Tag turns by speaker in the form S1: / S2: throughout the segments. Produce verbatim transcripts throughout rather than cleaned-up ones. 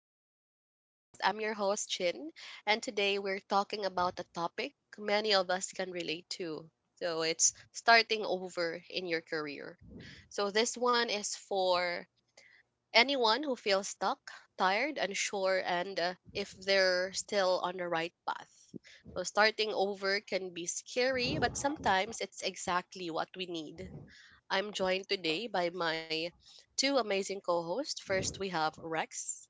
S1: our podcast. I'm your host, Chin, and today we're talking about a topic many of us can relate to. So, it's starting over in your career. So, this one is for anyone who feels stuck, tired, unsure, and uh, if they're still on the right path. So, starting over can be scary, but sometimes it's exactly what we need. I'm joined today by my two amazing co-hosts. First, we have Rex.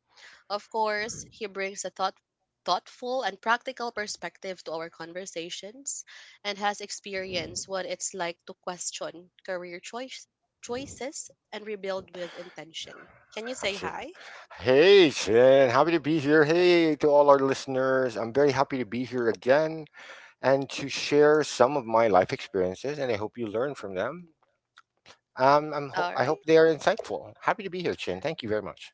S1: Of course, he brings a thought thoughtful and practical perspective to our conversations and has experienced what it's like to question career choice choices and rebuild with intention. Can you say
S2: Absolutely.
S1: hi?
S2: Hey, Shin, happy to be here. Hey to all our listeners. I'm very happy to be here again and to share some of my life experiences, and I hope you learn from them. Um, I'm hope
S1: All
S2: I
S1: right.
S2: hope they are insightful. Happy to be here, Chin. Thank you very much.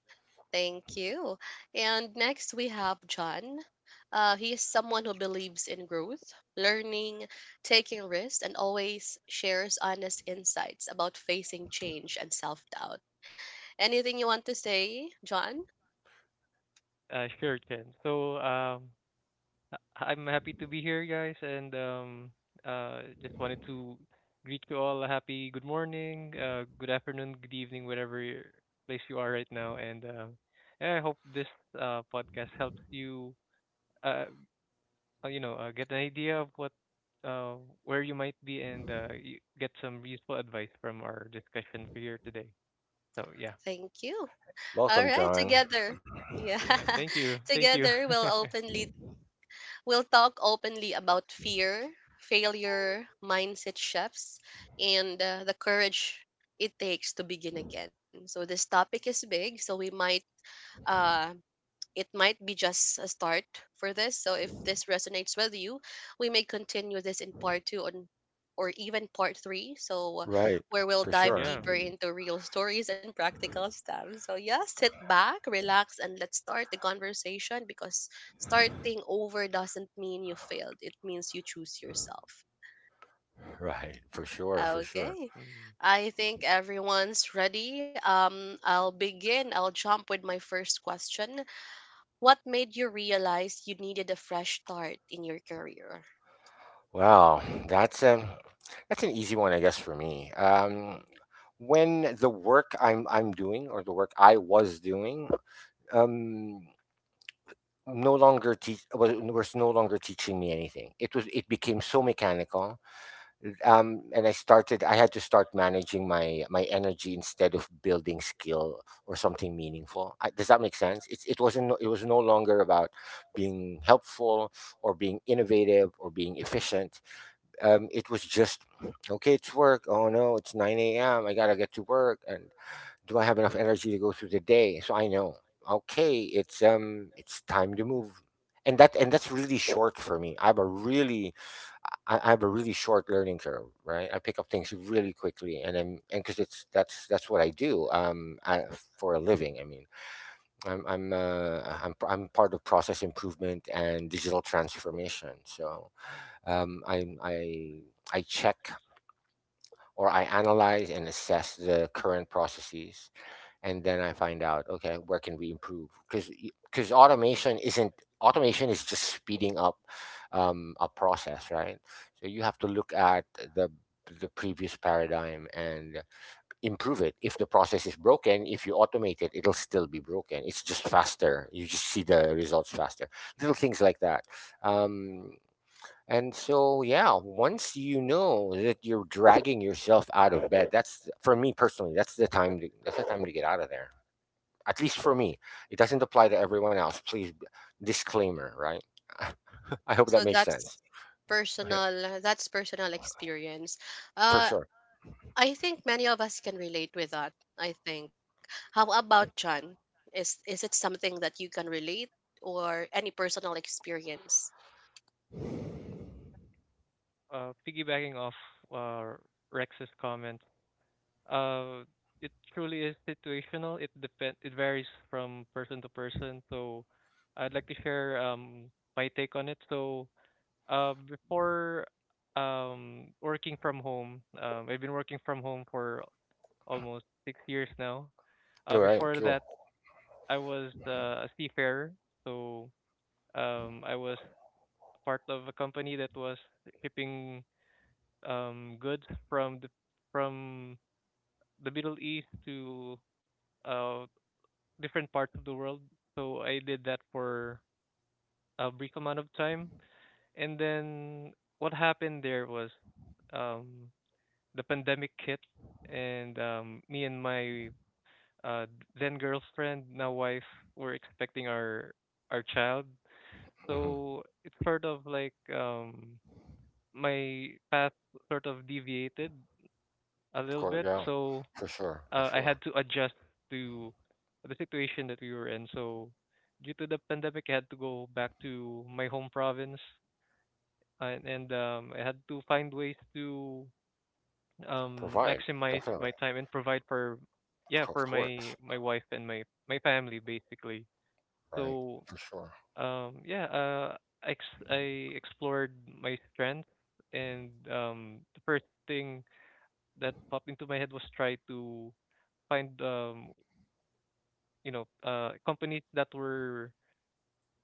S1: Thank you. And next we have John. Uh, he is someone who believes in growth, learning, taking risks, and always shares honest insights about facing change and self doubt. Anything you want to say, John?
S3: Uh, sure, Chen. So, um, I- I'm happy to be here, guys, and um, uh, just wanted to greet you all a happy good morning, uh, good afternoon, good evening, whatever your- place you are right now, and um, yeah, I hope this uh, podcast helps you, uh, uh, you know, uh, get an idea of what, uh, where you might be, and uh, you get some useful advice from our discussion for here today. So, yeah.
S1: Thank you. All
S2: Welcome,
S1: right,
S2: John.
S1: together. Yeah,
S3: Yeah, thank you, thank you.
S1: together we'll openly we'll talk openly about fear, failure, mindset shifts, and uh, the courage it takes to begin again. So this topic is big, so we might uh, it might be just a start for this. So if this resonates with you, we may continue this in part two on or even part three. So uh,
S2: Right,
S1: where we'll
S2: for
S1: dive
S2: sure.
S3: Yeah.
S1: deeper into real stories and practical steps. So yeah, sit back, relax, and let's start the conversation because starting over doesn't mean you failed. It means you choose yourself.
S2: Right, for sure, for sure.
S1: Okay.
S3: Mm.
S1: I think everyone's ready. Um I'll begin. I'll jump with my first question. What made you realize you needed a fresh start in your career?
S2: Wow, that's a that's an easy one, I guess, for me. Um, when the work I'm I'm doing, or the work I was doing, um, no longer teach was, was no longer teaching me anything. It was it became so mechanical, um, and I started. I had to start managing my my energy instead of building skill or something meaningful. I, does that make sense? It's it wasn't no- it was no longer about being helpful or being innovative or being efficient. Um, it was just, okay, it's work. Oh no, it's nine a.m, I gotta get to work and do I have enough energy to go through the day? So I know, okay, it's um it's time to move. And that and that's really short for me. I have a really, i, I have a really short learning curve, right? I pick up things really quickly, and I'm and because it's that's that's what I do, um I, for a living, I mean. I'm i'm uh, i'm i'm part of process improvement and digital transformation. So um, I I I check, or I analyze and assess the current processes, and then I find out, okay, where can we improve? Because because automation isn't automation is just speeding up um, a process, right? So you have to look at the the previous paradigm and improve it. If the process is broken, if you automate it, it'll still be broken. It's just faster. You just see the results faster. Little things like that. Um, and so, yeah, once you know that you're dragging yourself out of bed, that's for me personally, that's the time to, that's the time to get out of there. At least for me. It doesn't apply to everyone else. Please b- disclaimer, right? I hope that
S1: So
S2: makes sense.
S1: that's
S2: Yeah,
S1: personal. That's personal experience.
S2: for
S1: Uh,
S2: sure.
S1: I think many of us can relate with that. I think. How about John? Is is it something that you can relate or any personal experience?
S3: Uh, piggybacking off uh, Rex's comment, uh, it truly is situational. It depend. It varies from person to person. So, I'd like to share um my take on it. So, uh, before um working from home, um, I've been working from home for almost six years now.
S2: All
S3: Uh,
S2: right,
S3: before
S2: cool.
S3: that, I was uh, a seafarer. So, um, I was part of a company that was shipping um, goods from the from the Middle East to uh, different parts of the world. So I did that for a brief amount of time, and then what happened there was, um, the pandemic hit, and um, me and my uh, then girlfriend, now wife, were expecting our our child.
S2: Hmm.
S3: So it's sort of like, um, my path sort of deviated a
S2: Of
S3: little
S2: course,
S3: bit.
S2: yeah.
S3: So
S2: For sure, for
S3: uh, I had
S2: sure.
S3: to adjust to the situation that we were in. So due to the pandemic, I had to go back to my home province, and, and um, I had to find ways to um,
S2: Provide,
S3: maximize
S2: definitely.
S3: my time and provide for,
S2: Of
S3: yeah,
S2: cour- of
S3: for
S2: course,
S3: my my wife and my my family basically.
S2: right?
S3: So
S2: For sure.
S3: um, yeah. Uh, I ex- I explored my strengths, and um, the first thing that popped into my head was try to find um you know, uh, companies that were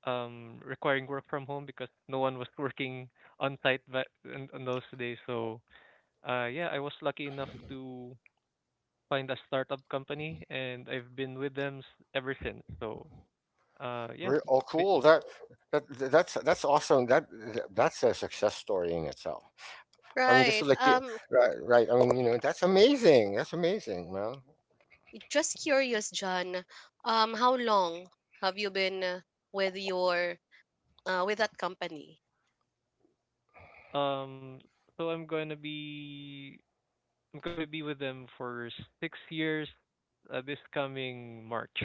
S3: um, requiring work from home because no one was working on site but in, in those days. So uh, yeah, I was lucky enough to find a startup company, and I've been with them s- ever since. So uh, yeah.
S2: Re- Oh,
S3: b-
S2: cool. That that that's that's awesome. That that's a success story in itself. I mean, just to
S1: Right.
S2: let you,
S1: Um.
S2: right, right. I mean, you know, that's amazing. That's amazing. Well,
S1: Just
S3: eh,
S1: curious, John. Um. How long have you been uh, with your uh, with that company?
S3: um, so I'm going to be I'm going to be with them for six years uh, this coming March.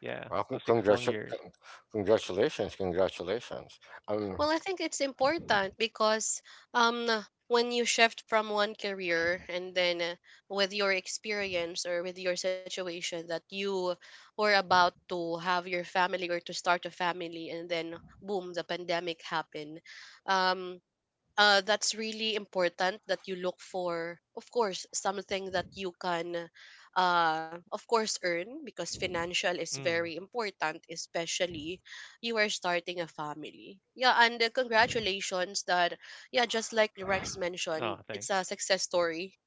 S3: Yeah,
S2: well,
S3: so
S2: con-
S3: six long
S2: congratu-
S3: years.
S2: con- congratulations, congratulations. Um,
S1: Well, I think it's important because um when you shift from one career and then uh, with your experience or with your situation that you were about to have your family or to start a family and then boom the pandemic happened. um uh, that's really important that you look for, of course, something that you can, uh, of course, earn because financial is very
S3: Mm.
S1: important, especially you are starting a family. Yeah, and uh, congratulations that, yeah, just like Rex mentioned,
S3: Oh,
S1: it's a
S3: thanks.
S1: success story.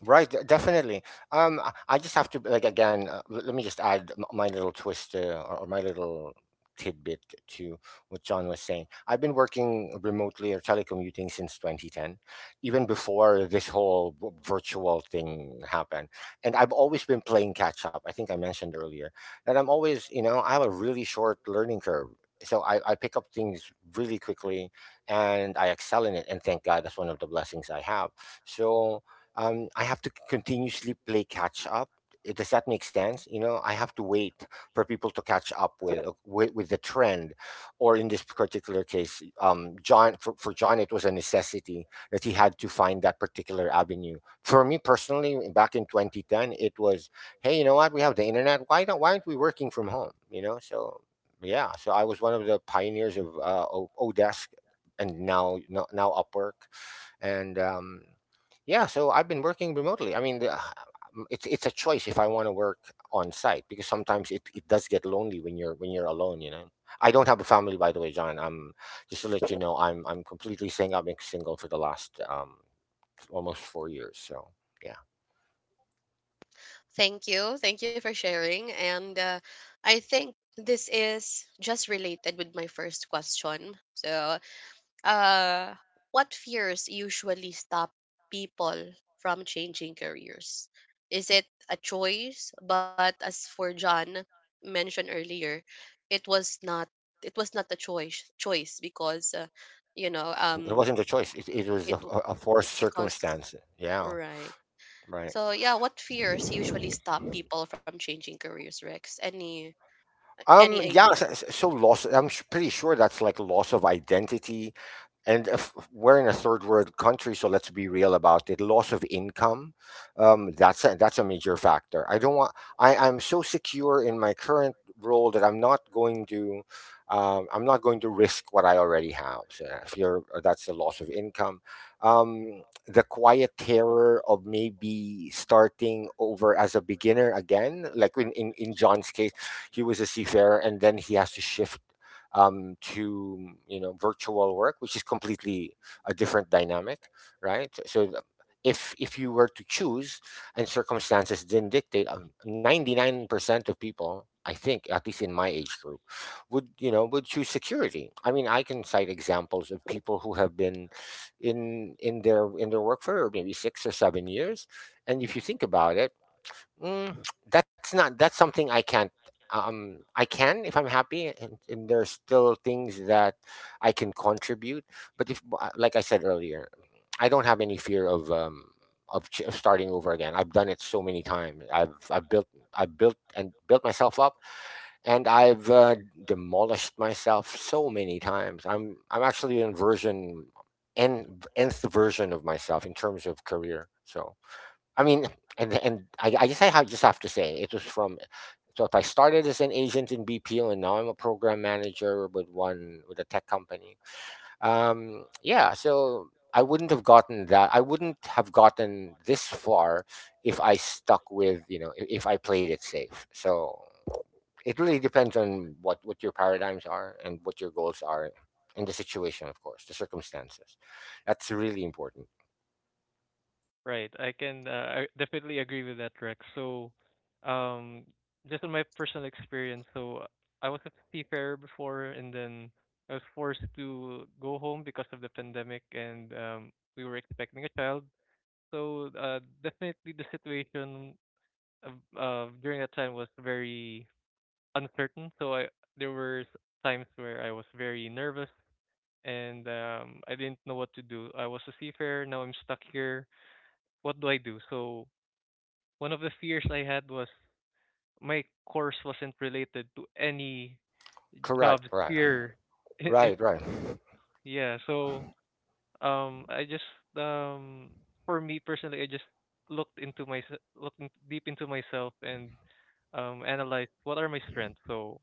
S2: Right, de- definitely. Um, I I just have to, like, again. Uh, l- let me just add m- my little twist, uh, or, or my little tidbit to what John was saying. I've been working remotely or telecommuting since twenty ten, even before this whole v- virtual thing happened. And I've always been playing catch up. I think I mentioned earlier that I'm always, you know, I have a really short learning curve. So I, I pick up things really quickly and I excel in it. And thank God that's one of the blessings I have. So um, I have to continuously play catch up. Uh, Does that make sense? You know, I have to wait for people to catch up with uh, with, with the trend, or in this particular case, um, John, for, for John it was a necessity that he had to find that particular avenue. For me personally, back in twenty ten, it was, hey, you know what? We have the internet. Why don't why aren't we working from home? You know, so yeah, so I was one of the pioneers of uh, O- Odesk, and now now now Upwork, and um, yeah, so I've been working remotely, I mean, the, it's it's a choice if I want to work on site, because sometimes it, it does get lonely when you're when you're alone, you know. I don't have a family, by the way, John. I'm just to let you know, I'm i'm completely saying I've been single for the last um almost four years. So yeah.
S1: Thank you. Thank you for sharing. And uh, I think this is just related with my first question. So uh, what fears usually stop people from changing careers? Is it a choice? But as for John mentioned earlier, it was not it was not a choice choice because uh, you know
S2: Yeah, it
S1: um
S2: wasn't a choice. It, it was
S1: it
S2: a, a a
S1: it
S2: forced
S1: because
S2: circumstance, yeah,
S1: right.
S2: right.
S1: So yeah, what fears usually stop people from changing careers, Rex? Any any
S2: Um, yeah,
S1: idea?
S2: so, so so loss, I'm s- pretty sure that's like loss of identity, and if we're in a third world country, so let's be real about it. Loss of income, um, that's a, that's a major factor. I don't want. I I'm so secure in my current role that I'm not going to, um, I'm not going to risk what I already have. So uh, if you're, uh, that's the loss of income. Um, the quiet terror of maybe starting over as a beginner again, like in in, in John's case, he was a seafarer and then he has to shift um, to, you know, virtual work, which is completely a different dynamic, right? So if if you were to choose and circumstances didn't dictate, ninety nine percent of people, I think, at least in my age group, would, you know, would choose security. I mean, I can cite examples of people who have been in in their in their work for maybe six or seven years, and if you think about it, mm, that's not, that's something I can't um, I can if I'm happy and, and there's still things that I can contribute. But if uh, like I said earlier, I don't have any fear of um, of, ch- of starting over again. I've done it so many times. I've I've built I've built and built myself up, and I've uh, demolished myself so many times. I'm I'm actually in version, n nth version of myself in terms of career. So I mean, and and I, I guess I have, just have to say it was from. So if I started as an agent in B P O and now I'm a program manager with one with a tech company. Um, yeah. So I wouldn't have gotten that. I wouldn't have gotten this far if I stuck with, you know, if, if I played it safe. So it really depends on what what your paradigms are and what your goals are, and the situation, of course, the circumstances. That's really important.
S3: Right. I can, uh, I definitely agree with that, Rex. So, um, just on my personal experience, so I was a seafarer before, and then I was forced to go home because of the pandemic, and um, we were expecting a child. So, uh, definitely the situation of, uh, during that time was very uncertain. So I there were s- times where I was very nervous, and um, I didn't know what to do. I was a seafarer. Now I'm stuck here. What do I do? So one of the fears I had was my course wasn't related to any
S2: Correct.
S3: jobs
S2: Right.
S3: here. It, it,
S2: Right. Right.
S3: yeah. So um, I just um, for me personally, I just looked into my looked in, deep into myself and um, analyzed what are my strengths. So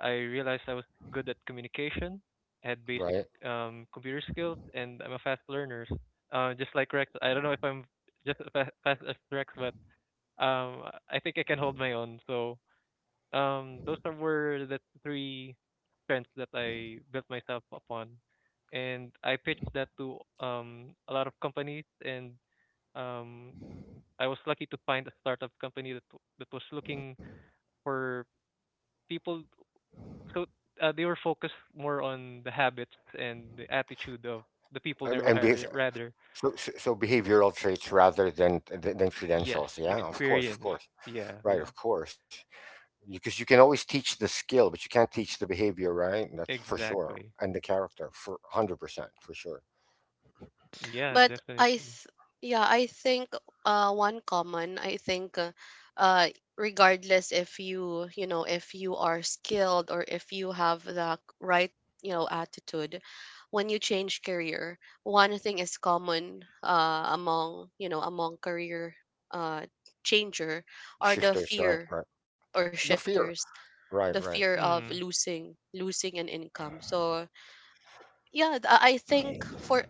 S3: I realized I was good at communication, I had basic
S2: Right.
S3: um, computer skills, and I'm a fast learner. Uh, just like Rex, I don't know if I'm just as fa- fast as Rex, but um I think I can hold my own. So um those are were the three strengths that I built myself upon. And I pitched that to um a lot of companies, and um I was lucky to find a startup company that w- that was looking for people. So uh, they were focused more on the habits and the attitude of the people they
S2: Um,
S3: were
S2: and be-
S3: hiring rather,
S2: so, so so behavioral traits rather than, than than
S3: yes,
S2: credentials. Yeah, of course, of
S3: experience.
S2: course,
S3: Yeah, yeah,
S2: right, of course. Because you can always teach the skill, but you can't teach the behavior, right? That's for
S3: exactly.
S2: sure, and the character, for hundred percent, for sure.
S3: Yeah,
S1: But I
S3: definitely.
S1: th- yeah, I think uh one common I think uh, uh regardless if you, you know, if you are skilled or if you have the right, you know, attitude when you change career, one thing is common uh among, you know, among career uh changer are the
S2: Shifters, right,
S1: fear
S2: right.
S1: or
S2: The fear,
S1: shifters,
S2: right,
S1: the
S2: right.
S1: fear of
S3: Hmm.
S1: losing losing an income. So yeah, th- I think for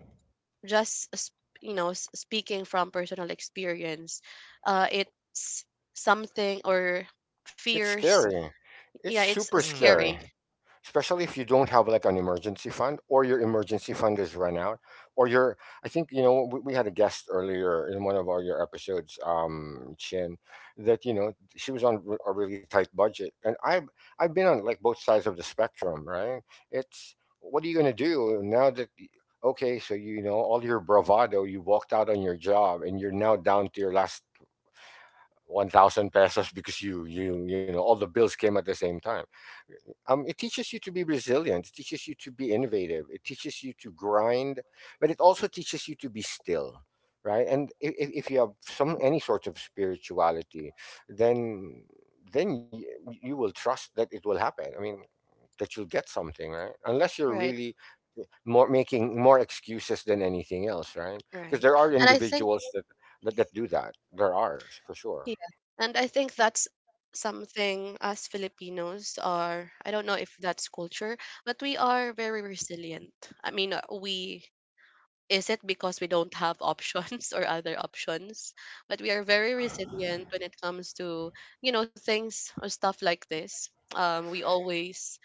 S1: just s- you know s- speaking from personal experience uh it's something or
S2: It's
S1: fears
S2: scary. It's
S1: yeah it's
S2: super
S3: Hmm.
S1: scary.
S2: scary. Especially if you don't have like an emergency fund, or your emergency fund is run out, or your, I think, you know, we, we had a guest earlier in one of our, your episodes, um, Chin, that, you know, she was on r- a really tight budget. And i've I've been on like both sides of the spectrum, right? It's what are you going to do now that y- okay, so, you know, all your bravado, you walked out on your job and you're now down to your last one thousand pesos, because you you you know all the bills came at the same time. Um, it teaches you to be resilient. It teaches you to be innovative. It teaches you to grind, but it also teaches you to be still, right? And if, if you have some any sort of spirituality, then then you, you will trust that it will happen. I mean, that you'll get something, right? Unless you're
S1: right
S2: really more making more excuses than anything else, right? Because
S1: right
S2: there are
S1: and i think
S2: individuals that, that that do that. There are, for sure.
S1: yeah and i think that's something as filipinos are. I don't know if that's culture, but we are very resilient. I mean, uh, we is it because we don't have options or other options? But we are very resilient when it comes to, you know, things or stuff like this. Um, we always,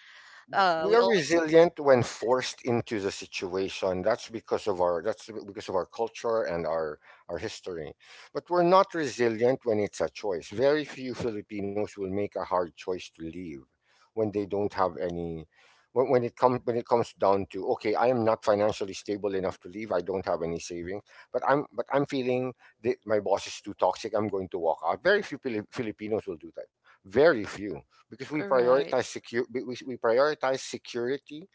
S1: uh,
S2: We
S1: we
S2: are
S1: always,
S2: resilient when forced into the situation. That's because of our that's because of our culture and our our history but we're not resilient when it's a choice. Very few Filipinos will make a hard choice to leave when they don't have any. When, when it comes when it comes down to, okay, I am not financially stable enough to leave, I don't have any savings, but i'm but i'm feeling that my boss is too toxic, I'm going to walk out. Very few Pili- filipinos will do that. Very few, because we prioritize
S1: right.
S2: secure we, we we prioritize security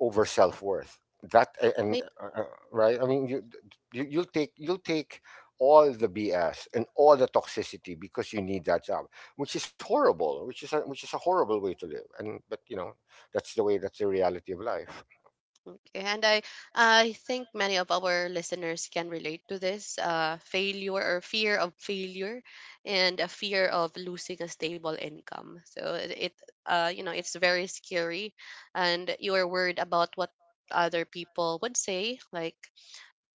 S2: over self-worth. That a-
S1: Maybe.
S2: and uh, uh, Right, I mean, you, you you'll take you'll take all the BS and all the toxicity because you need that job, which is horrible, which is a, which is a horrible way to live. And but you know, that's the way that's the reality of life.
S1: And I, I think many of our listeners can relate to this, uh, failure or fear of failure, and a fear of losing a stable income. So it, it uh, you know, it's very scary, and you are worried about what other people would say, like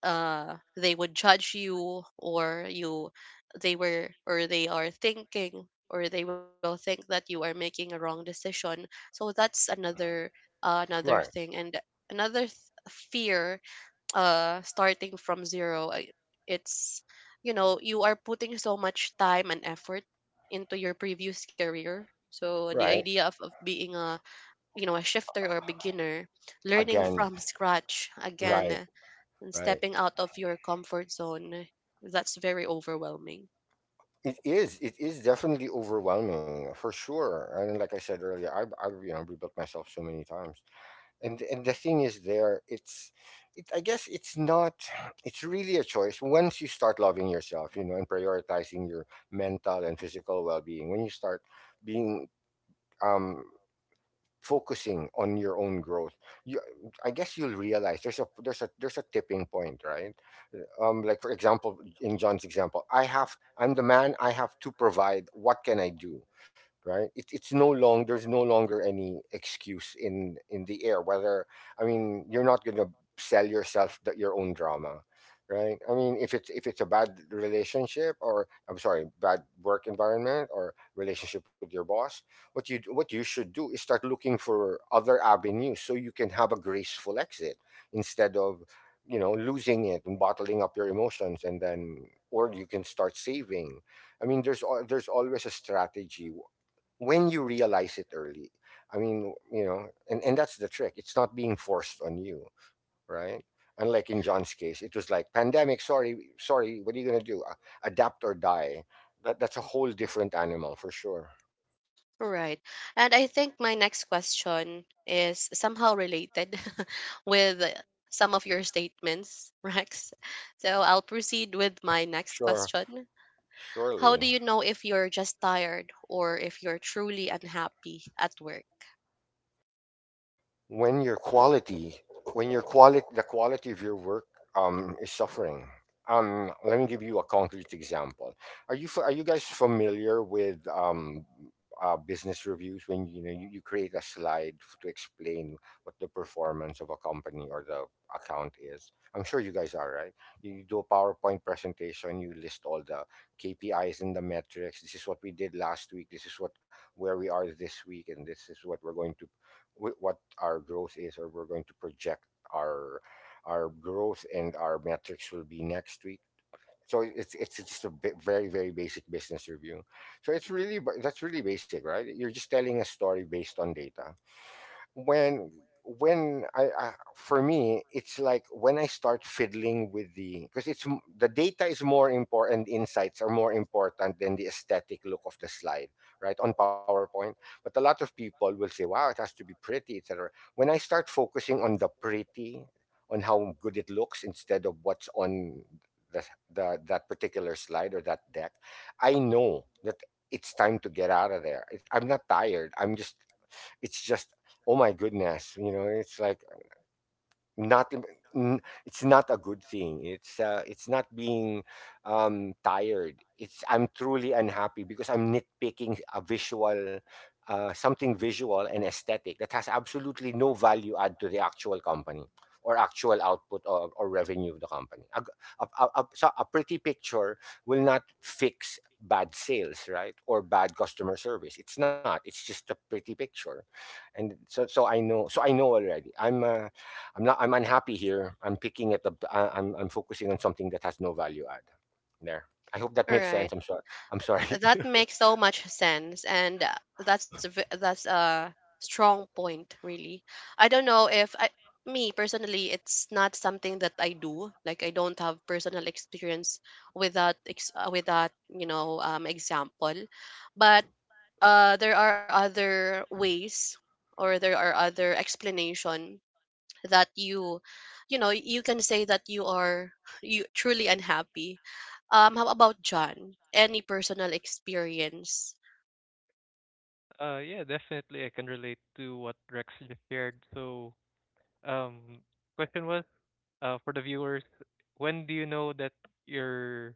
S1: uh they would judge you or you they were or they are thinking or they will think that you are making a wrong decision. So that's another uh, another
S2: Right.
S1: thing, and another th- fear uh starting from zero. I- it's you know You are putting so much time and effort into your previous career, so the
S2: Right.
S1: idea of, of being a you know a shifter or beginner learning
S2: Again.
S1: from scratch
S2: Right.
S1: again and
S2: Right.
S1: stepping out of your comfort zone, that's very overwhelming.
S2: It is. It is definitely overwhelming, for sure. And like I said earlier, i've, I've, you know, rebuilt myself so many times. And and the thing is, there it's it I guess it's not, it's really a choice. Once you start loving yourself, you know, and prioritizing your mental and physical well-being, when you start being, um focusing on your own growth, you I guess you'll realize there's a there's a there's a tipping point, right? Um like, for example, in John's example, I have, I'm the man, I have to provide, what can I do? Right. it, it's no long There's no longer any excuse in in the air, whether, I mean, you're not going to sell yourself the, your own drama. Right. I mean, if it's if it's a bad relationship, or I'm sorry, bad work environment or relationship with your boss, what you what you should do is start looking for other avenues so you can have a graceful exit, instead of, you know, losing it and bottling up your emotions. And then, or you can start saving. I mean, there's al- there's always a strategy w- when you realize it early. I mean, you know, and and that's the trick, it's not being forced on you. Right? Unlike in John's case, it was like pandemic, sorry, sorry, what are you going to do? Uh, adapt or die. That, that's a whole different animal, for sure.
S1: Right. And I think my next question is somehow related with some of your statements, Rex. So I'll proceed with my next
S2: Sure.
S1: question. How do
S2: Surely,
S1: you know if you're just tired or if you're truly unhappy at work?
S2: when your quality, when your quality, the quality of your work um, is suffering. Um, let me give you a concrete example. Are you fa- are you guys familiar with um, uh, business reviews, when, you know, you, you create a slide f- to explain what the performance of a company or the account is? I'm sure you guys are, right? You, you do a PowerPoint presentation. You list all the K P Is and the metrics. This is what we did last week. This is what where we are this week, and this is what we're going to wh- what our growth is, or we're going to project our our growth, and our metrics will be next week. So it's it's just a bit, very very basic business review. So it's really ba- that's really basic, right? You're just telling a story based on data when, when I, uh, for me, it's like when I start fiddling with the, because it's m- the data is more important, insights are more important than the aesthetic look of the slide, right, on PowerPoint. But a lot of people will say, wow, it has to be pretty, etc. When I start focusing on the pretty, on how good it looks, instead of what's on the, the, that particular slide or that deck, I know that it's time to get out of there. It- I'm not tired, I'm just, it's just, oh my goodness, you know, it's like, not n- it's not a good thing. It's uh, it's not being um tired, it's I'm truly unhappy because I'm nitpicking a visual, uh, something visual and aesthetic that has absolutely no value add to the actual company, or actual output, or, or revenue of the company. A, g- a, a, a- So a pretty picture will not fix bad sales, right, or bad customer service. It's not, it's just a pretty picture. And so, so i know so I know already, I'm uh, I'm not, I'm unhappy here. I'm picking at the, I- am I'm focusing on something that has no value add. There. I hope that makes
S1: Right.
S2: sense. I'm sorry. I'm sorry.
S1: That makes so much sense, and uh, that's a v- that's a strong point, really. I don't know if I, me personally, it's not something that I do. Like I don't have personal experience with that ex- uh, with that you know um, example, but uh, there are other ways or there are other explanation that you you know you can say that you are you truly unhappy. Um how about John? Any personal experience?
S3: Uh, yeah, definitely I can relate to what Rex just shared. So, um, question was, uh, for the viewers, when do you know that you're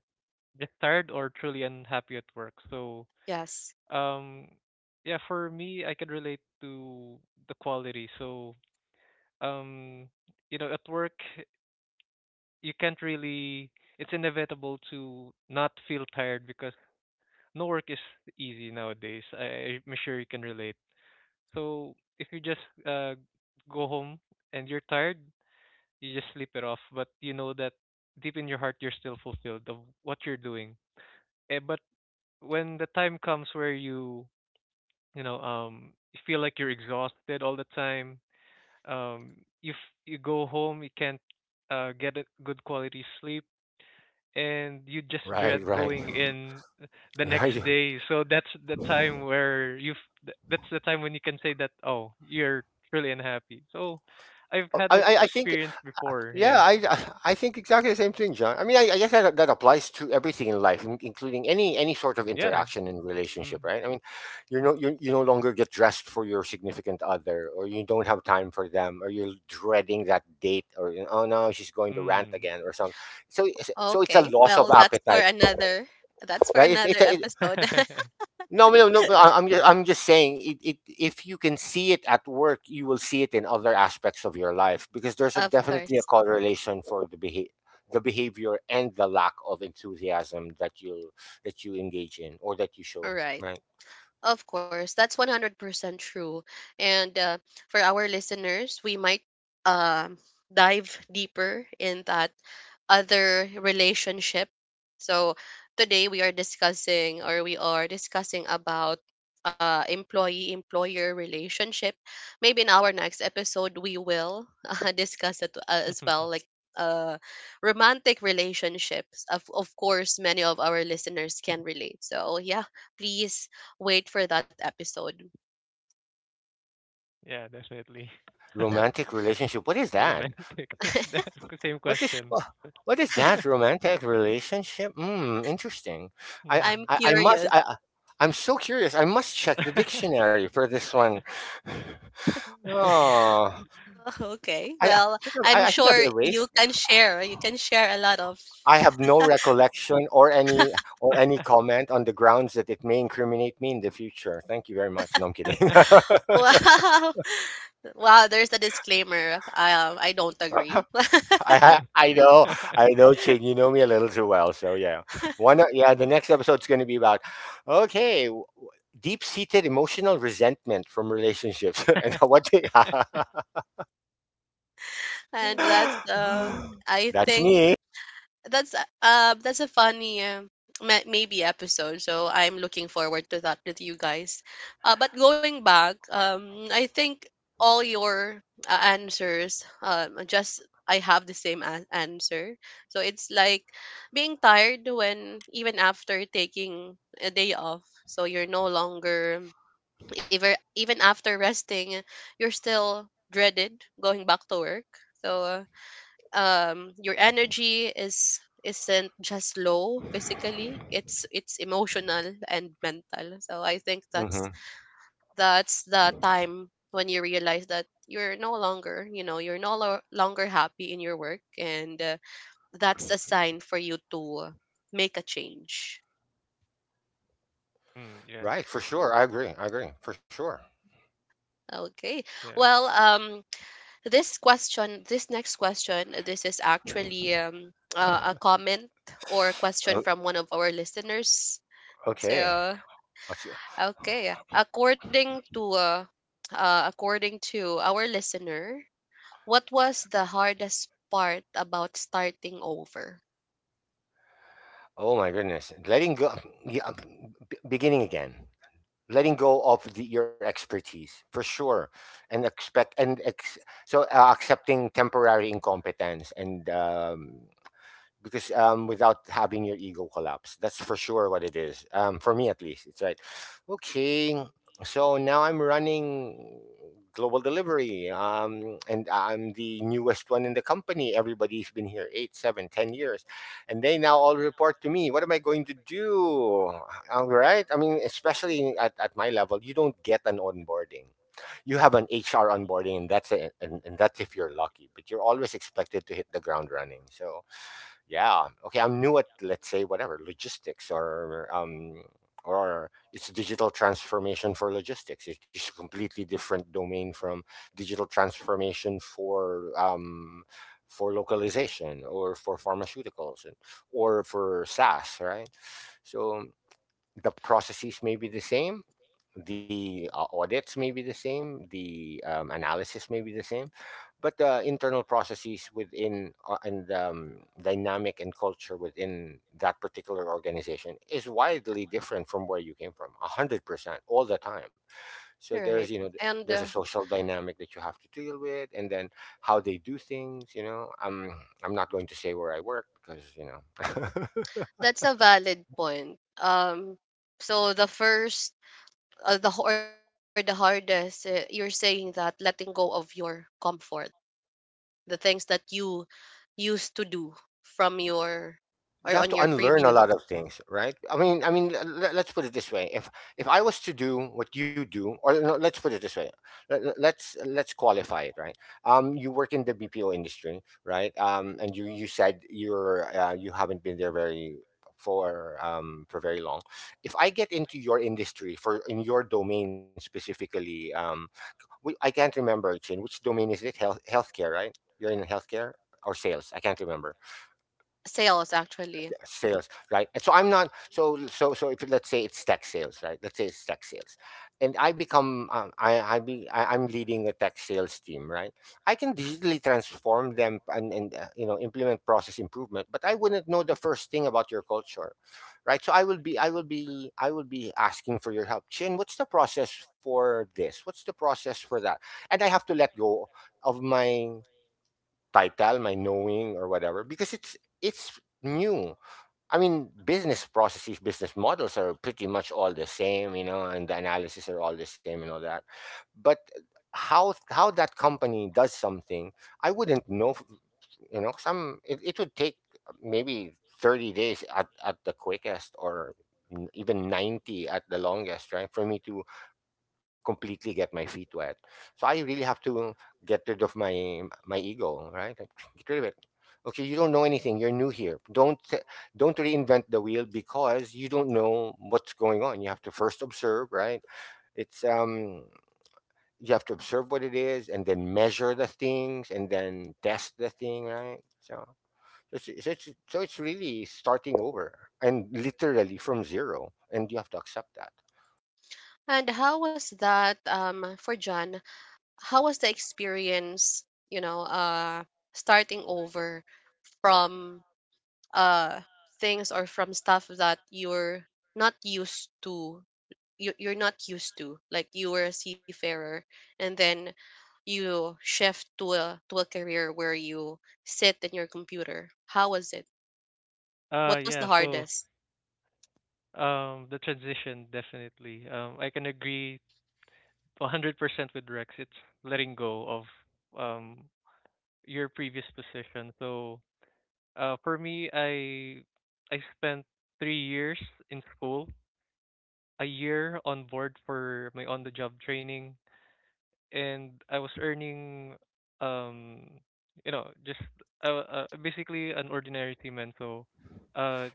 S3: just tired or truly unhappy at work? So,
S1: Yes.
S3: um, yeah, for me, I can relate to the quality. So, um, you know, at work, you can't really, it's inevitable to not feel tired because no work is easy nowadays. I, I'm sure you can relate. So if you just uh, go home and you're tired, you just sleep it off. But you know that deep in your heart, you're still fulfilled of what you're doing. Eh, but when the time comes where you, you know, um, you feel like you're exhausted all the time, um, you f- you go home, you can't uh, get a good quality sleep, and you just
S2: Right.
S3: dread
S2: Right.
S3: going in the next day. So that's the time where you have that's the time when you can say that, oh, you're really unhappy. So I've
S2: I.
S3: had that
S2: I I think
S3: experience before.
S2: Yeah,
S3: Yeah.
S2: I I think exactly the same thing, John. I mean, I, I guess that that applies to everything in life, in- including any any sort of
S3: Yeah.
S2: interaction and
S3: Mm.
S2: relationship, right? I mean, you know, you you no longer get dressed for your significant other, or you don't have time for them, or you're dreading that date, or you know, oh no, she's going to rant
S3: Mm.
S2: again, or something. So it's- so it's a
S1: Okay,
S2: loss of
S1: well that's
S2: appetite,
S1: for another that's
S2: right?
S1: for
S2: It, it's a,
S1: another episode.
S2: no, no, no. But I- I'm just, I'm just saying, it, it, if you can see it at work, you will see it in other aspects of your life, because there's a,
S1: Of
S2: definitely a
S1: course.
S2: correlation for the behavior, the behavior and the lack of enthusiasm that you, that you engage in or that you show.
S1: All right.
S2: Right?
S1: Of course, that's one hundred percent true. And uh, for our listeners, we might um dive deeper in that other relationship. So today we are discussing or we are discussing about uh, employee employer relationship. Maybe in our next episode we will uh, discuss it uh, as well, like uh romantic relationships. Of of course many of our listeners can relate. So yeah, please wait for that episode.
S3: Yeah, definitely.
S1: No.
S2: Romantic relationship. What is that?
S3: Romantic. That's the same
S2: What is
S3: question.
S2: wha- what is that romantic relationship? Hmm. Interesting. I
S3: Hmm.
S1: I'm
S2: I, I must.
S1: curious.
S2: I, I- I'm so curious. I must check the dictionary for this one. Oh.
S1: Oh, okay.
S2: I I
S1: Well,
S2: think I've, I
S1: I'm
S2: I think I've
S1: sure you
S2: erased.
S1: can share. You can share a lot of
S2: I have no recollection, or any or any comment, on the grounds that it may incriminate me in the future. Thank you very much. No, I'm kidding.
S1: Wow. Wow, there's a disclaimer. Um, I don't agree.
S2: I ha- I know. I know, Ching. You know me a little too well. So yeah, one o- yeah, the next episode's going to be about, okay, deep seated emotional resentment from relationships and what they.
S1: And that's um I
S2: That's
S1: think
S2: me.
S1: that's a- um that's a funny um, ma- maybe episode. So I'm looking forward to that with you guys. Uh, but going back, um I think all your uh, answers, um just, I have the same a- answer. So it's like being tired when even after taking a day off, so you're no longer, even even after resting, you're still dreaded going back to work. So uh, um your energy is isn't just low physically, it's it's emotional and mental. So I think that's
S2: Hmm.
S1: that's the time when you realize that you're no longer you know you're no lo- longer happy in your work, and uh, that's a sign for you to make a change.
S3: Mm, yeah,
S2: Right, for sure. I agree. I agree, for sure.
S1: Okay,
S3: yeah.
S1: well, um this question this next question, this is actually um uh, a comment or a question
S2: O-
S1: from one of our listeners.
S2: okay.
S1: So.
S2: What's
S1: Okay. According to uh, uh according to our listener, what was the hardest part about starting over?
S2: Oh my goodness. Letting go, um, yeah, b- beginning again. Letting go of the, your expertise, for sure, and expect and ex, so uh, accepting temporary incompetence, and um, because um, without having your ego collapse. That's for sure what it is. Um, for me at least, it's right. Okay, so now I'm running global delivery, um, and I'm the newest one in the company. Everybody's been here eight, seven, ten years, and they now all report to me. What am I going to do? All right. I mean, especially at, at my level, you don't get an onboarding, you have an H R onboarding, and that's a, and, and that's if you're lucky. But you're always expected to hit the ground running. So yeah, okay, I'm new at let's say whatever logistics, or um or it's digital transformation for logistics. It's just a completely different domain from digital transformation for um for localization or for pharmaceuticals, and or for SaaS, right? So the processes may be the same, the uh, audits may be the same, the um, analysis may be the same, but the internal processes within uh, and um, dynamic and culture within that particular organization is widely different from where you came from, one hundred percent, all the time. So
S1: Right.
S2: there's, you know, th-
S1: And uh,
S2: there's a social dynamic that you have to deal with, and then how they do things. You know, i'm I'm not going to say where I work because, you know.
S1: that's a valid point. Um so the first uh, the or the hardest, uh, you're saying that letting go of your comfort, the things that you used to do from your or
S2: You
S1: on
S2: have to
S1: your
S2: unlearn a
S1: previous.
S2: lot of things, right? I mean i mean, l- l- let's put it this way. If if I was to do what you do, or no, let's put it this way. Let- let- let's let's qualify it, right? Um, you work in the B P O industry, right? Um, and you you said you're uh, you haven't been there very, for um for very long. If I get into your industry, for in your domain specifically, um, we, I can't remember, Chin, which domain is it, health healthcare, right? You're in healthcare, or sales, I can't remember.
S1: Sales actually.
S2: Sales, right. And so I'm not, so so so if let's say it's tech sales, right, let's say it's tech sales, and I become um, i i be I, I'm leading a tech sales team, right? I can digitally transform them and and uh, you know, implement process improvement, but I wouldn't know the first thing about your culture, right? So i will be i will be I will be asking for your help, Chin, what's the process for this, what's the process for that. And I have to let go of my title, my knowing, or whatever, because it's it's new. I mean, business processes, business models are pretty much all the same, you know, and the analysis are all the same, and all that. But how how that company does something, I wouldn't know. F- you know, some, it, it would take maybe thirty days at, at the quickest, or n- even ninety at the longest, right? For me to completely get my feet wet. So I really have to get rid of my my ego, right? Like, get rid of it. Okay, you don't know anything. You're new here. Don't don't reinvent the wheel, because you don't know what's going on. You have to first observe, right? It's um, you have to observe what it is, and then measure the things, and then test the thing, right? So it's, it's, it's- so it's really starting over, and literally from zero, and you have to accept that.
S1: And how was that um for John? How was the experience, you know uh starting over from uh things or from stuff that you're not used to, you, you're not used to like you were a seafarer, and then you shift to a to a career where you sit in your computer. How was it?
S3: Uh,
S1: What was the
S3: yeah. So,
S1: hardest?
S3: um, the transition definitely. Um, I can agree one hundred percent with Rex. It's letting go of um your previous position. So, uh, for me, I I spent three years in school, a year on board for my on-the-job training, and I was earning um, you know, just uh, uh basically an ordinary team, and so, uh,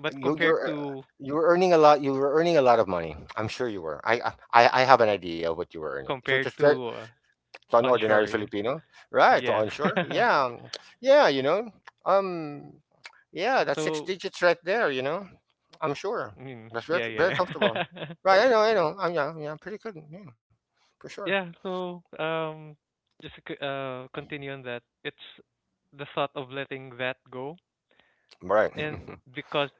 S3: but
S2: you
S3: compared
S2: you're uh,
S3: to
S2: you were earning a lot. You were earning a lot of money. I'm sure you were. I I I have an idea of what you were earning. So it was
S3: compared
S2: very,
S3: to, uh,
S2: to an ordinary
S3: onshore.
S2: Filipino, right? To
S3: Yeah. Yeah.
S2: onshore, yeah, um, yeah. You know, um, yeah, that's six
S3: So,
S2: digits right there. You know, I'm sure
S3: mm,
S2: that's very
S3: yeah, yeah,
S2: very comfortable.
S3: yeah.
S2: Right? I know. I know. I'm Yeah, yeah pretty good. Yeah, for sure.
S3: Yeah, so um just to c- uh continue on that. It's the thought of letting that go,
S2: Right.
S3: and because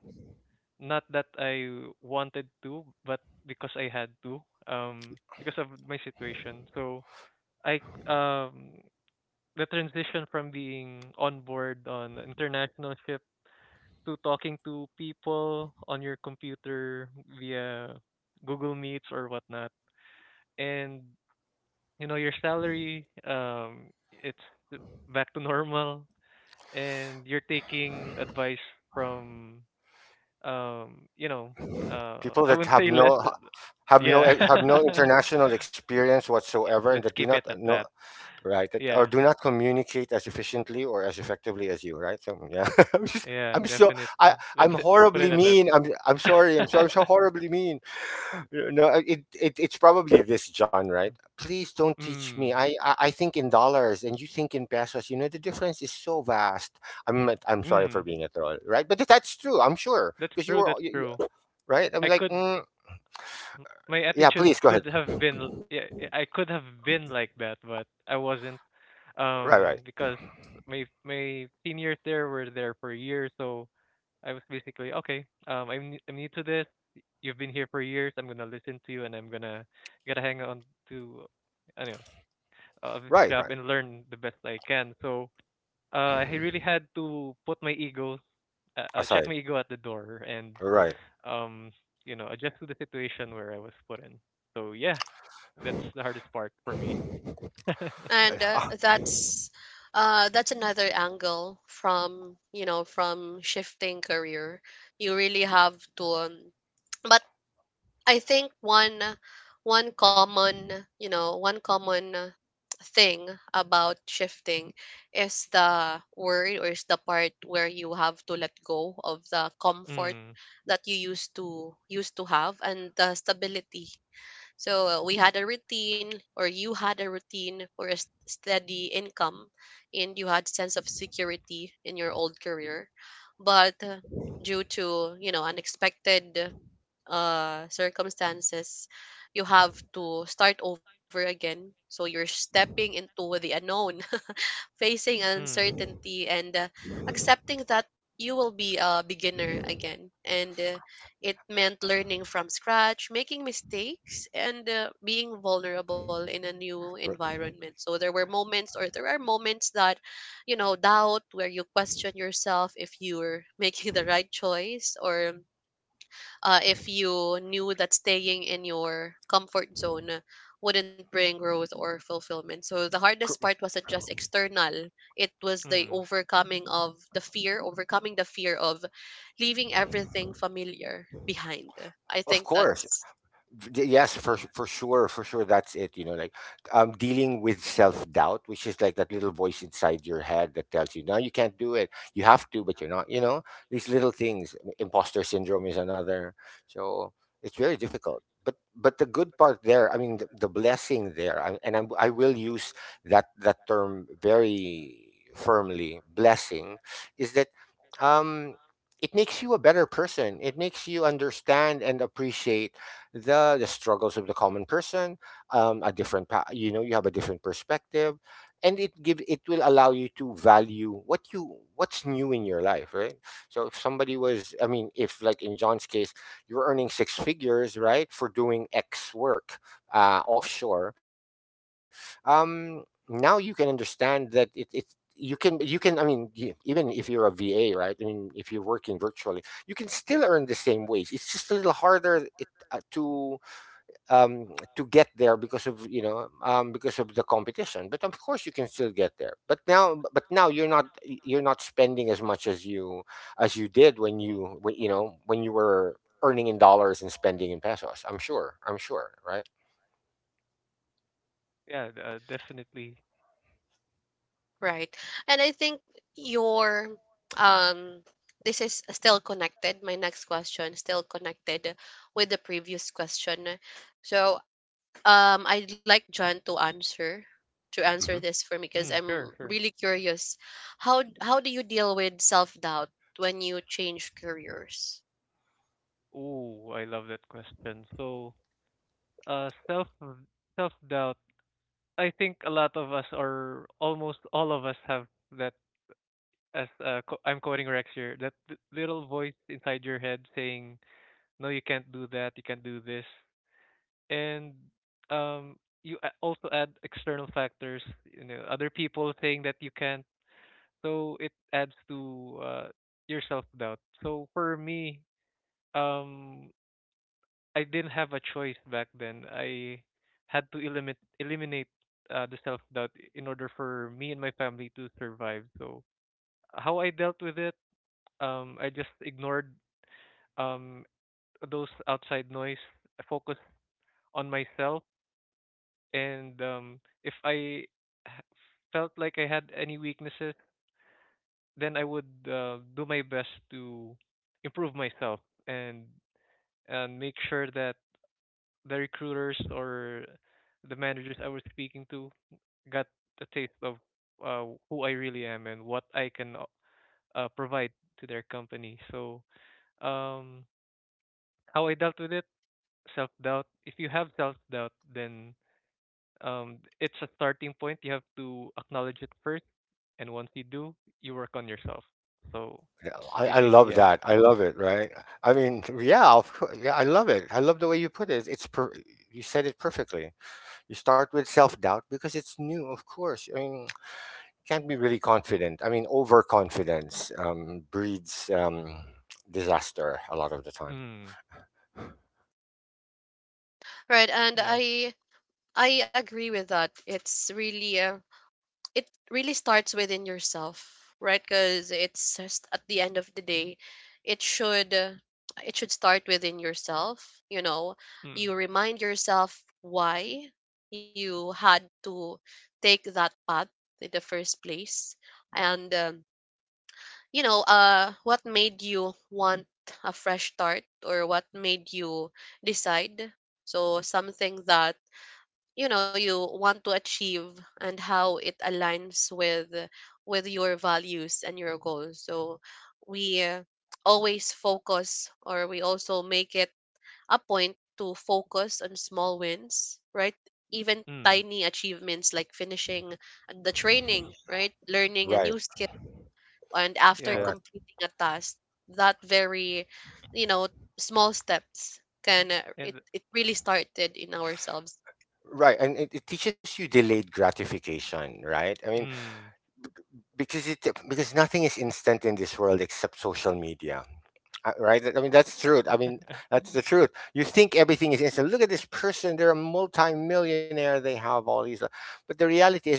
S3: not that I wanted to, but because I had to, um because of my situation. So, I c- um the transition from being on board on international ship to talking to people on your computer via Google Meets or whatnot. And you know your salary, um, it's back to normal, and you're taking advice from, um, you know, uh,
S2: people
S3: I
S2: that
S3: wouldn't
S2: have
S3: say less,
S2: no have no
S3: yeah.
S2: have no international experience
S3: Y-
S2: whatsoever, and that
S3: let's
S2: do
S3: keep
S2: not
S3: it at
S2: know.
S3: that.
S2: Right, that, or
S3: Yeah,
S2: do not communicate as efficiently or as effectively as you, right? So yeah. i'm just
S3: yeah,
S2: i'm so
S3: definitely.
S2: i
S3: Let's
S2: i'm
S3: put it
S2: horribly
S3: at that.
S2: mean. I'm i'm sorry. I'm sorry. I'm so horribly mean. No, it, it it's probably this, John. Right, please don't teach me.
S3: Mm,
S2: I, I i think in dollars and you think in pesos, you know, the difference is so vast. I'm i'm sorry for
S3: mm.
S2: being a troll, right? But that's true, I'm sure,
S3: That's
S2: because you
S3: true.
S2: were
S3: That's
S2: you,
S3: true.
S2: you- right. I'm
S3: I
S2: like,
S3: could,
S2: mm,
S3: m- my
S2: yeah,
S3: attitude
S2: please go ahead.
S3: could have been l- yeah, yeah, I could have been like that, but I wasn't,
S2: Right, right.
S3: um because my my seniors there were there for a year, so I was basically okay. Um, I'm n- I'm new to this. Y- you've been here for years. I'm gonna listen to you, and I'm gonna gotta hang on to, I don't know, uh, this
S2: Right,
S3: job
S2: right,
S3: and learn the best I can. So uh, I really had to put my ego, uh, uh, check
S2: aside.
S3: my ego at the door, and
S2: Right.
S3: um, you know, adjust to the situation where I was put in. So yeah, that's the hardest part for me.
S1: And uh, that's uh, that's another angle from you know from shifting career. You really have to um, but I think one one common, you know one common uh, thing about shifting is the word or is the part where you have to let go of the comfort
S3: Mm,
S1: that you used to used to have and the stability. So uh, we had a routine or you had a routine or a s- steady income, and you had sense of security in your old career. But uh, due to you know unexpected uh, circumstances, you have to start over again. So you're stepping into the unknown, facing
S3: mm,
S1: uncertainty, and uh, accepting that you will be a beginner again. And uh, it meant learning from scratch, making mistakes, and uh, being vulnerable in a new environment. So there were moments, or there are moments that, you know, doubt, where you question yourself if you're making the right choice, or uh, if you knew that staying in your comfort zone uh, wouldn't bring growth or fulfillment. So the hardest part wasn't just external, it was the
S3: mm.
S1: overcoming of the fear, overcoming the fear of leaving everything familiar behind. I
S2: Of
S1: think
S2: course.
S1: that's
S2: D- yes, for s- for sure, for sure, that's it, you know, like, um dealing with self-doubt, which is like that little voice inside your head that tells you, no, you can't do it, you have to, but you're not, you know. These little things. I- imposter syndrome is another. So it's very difficult, but but the good part there, I mean, the, the blessing there, I, and I'm, i will use that that term very firmly, blessing, is that um it makes you a better person. It makes you understand and appreciate the the struggles of the common person, um, a different pa- you know, you have a different perspective, and it give it will allow you to value what you what's new in your life, right? So if somebody was, I mean, if like in John's case, you're earning six figures, right, for doing X work, uh, offshore, um, now you can understand that it it you can you can i mean you, even if you're a VA, right, I mean, if you're working virtually, you can still earn the same wage. It's just a little harder uh, to, um, to get there because of, you know, um, because of the competition. But of course, you can still get there. But now, but now you're not, you're not spending as much as you, as you did when you, when, you know, when you were earning in dollars and spending in pesos. I'm sure. I'm sure. Right.
S3: Yeah, d- uh, definitely.
S1: right. And I think your um this is still connected. My next question still connected with the previous question. So, Um, I'd like John to answer to answer
S2: Hmm.
S1: this for me because
S3: Mm,
S1: I'm
S3: sure, sure.
S1: really curious. How how do you deal with self doubt when you change careers?
S3: Oh, I love that question. So, uh, self self doubt. I think a lot of us, or almost all of us, have that. As uh, co- I'm quoting Rex here, that th- little voice inside your head saying, "No, you can't do that. You can't do this." And um you a- also add external factors, you know, other people saying that you can't, so it adds to uh, your self doubt. So for me, um I didn't have a choice back then. I had to eliminate eliminate uh, the self doubt in order for me and my family to survive. So how I dealt with it, um I just ignored um those outside noise, focused on myself, and um, if I h- felt like I had any weaknesses, then I would uh, do my best to improve myself and and make sure that the recruiters or the managers I was speaking to got a taste of uh, who I really am and what I can, o- uh, provide to their company. So um, how I dealt with it, self doubt. If you have self doubt, then um, it's a starting point. You have to acknowledge it first, and once you do, you work on yourself. So
S2: Yeah, I, I
S3: basically,
S2: love
S3: yeah.
S2: that. I love it. Right. I mean, yeah, of course. Yeah, I love it. I love the way you put it. It's per- you said it perfectly. You start with self doubt because it's new, of course. I mean, can't be really confident. I mean, overconfidence um, breeds um, disaster a lot of the time.
S3: Mm,
S1: Right, and
S3: yeah.
S1: I I agree with that. It's really uh, it really starts within yourself, right? Because it's just at the end of the day it should uh, it should start within yourself, you know?
S3: Mm,
S1: You remind yourself why you had to take that path in the first place, and um, you know, uh what made you want a fresh start, or what made you decide so something that, you know, you want to achieve, and how it aligns with with your values and your goals. So we uh, always focus, or we also make it a point to focus on small wins, right? Even
S3: mm,
S1: tiny achievements like finishing the training, right? Learning a
S2: Right,
S1: new skill, and after
S3: yeah.
S2: correct.
S1: completing a task, that very, you know, small steps can uh, it,
S3: And
S1: it really started in ourselves.
S2: Right, and it, it teaches you delayed gratification, right? I mean,
S3: mm,
S2: because it because nothing is instant in this world except social media. Uh, right? I mean, that's true. I mean, that's the truth. You think everything is instant. Look at this person; they're a multi-millionaire. They have all these, but the reality is,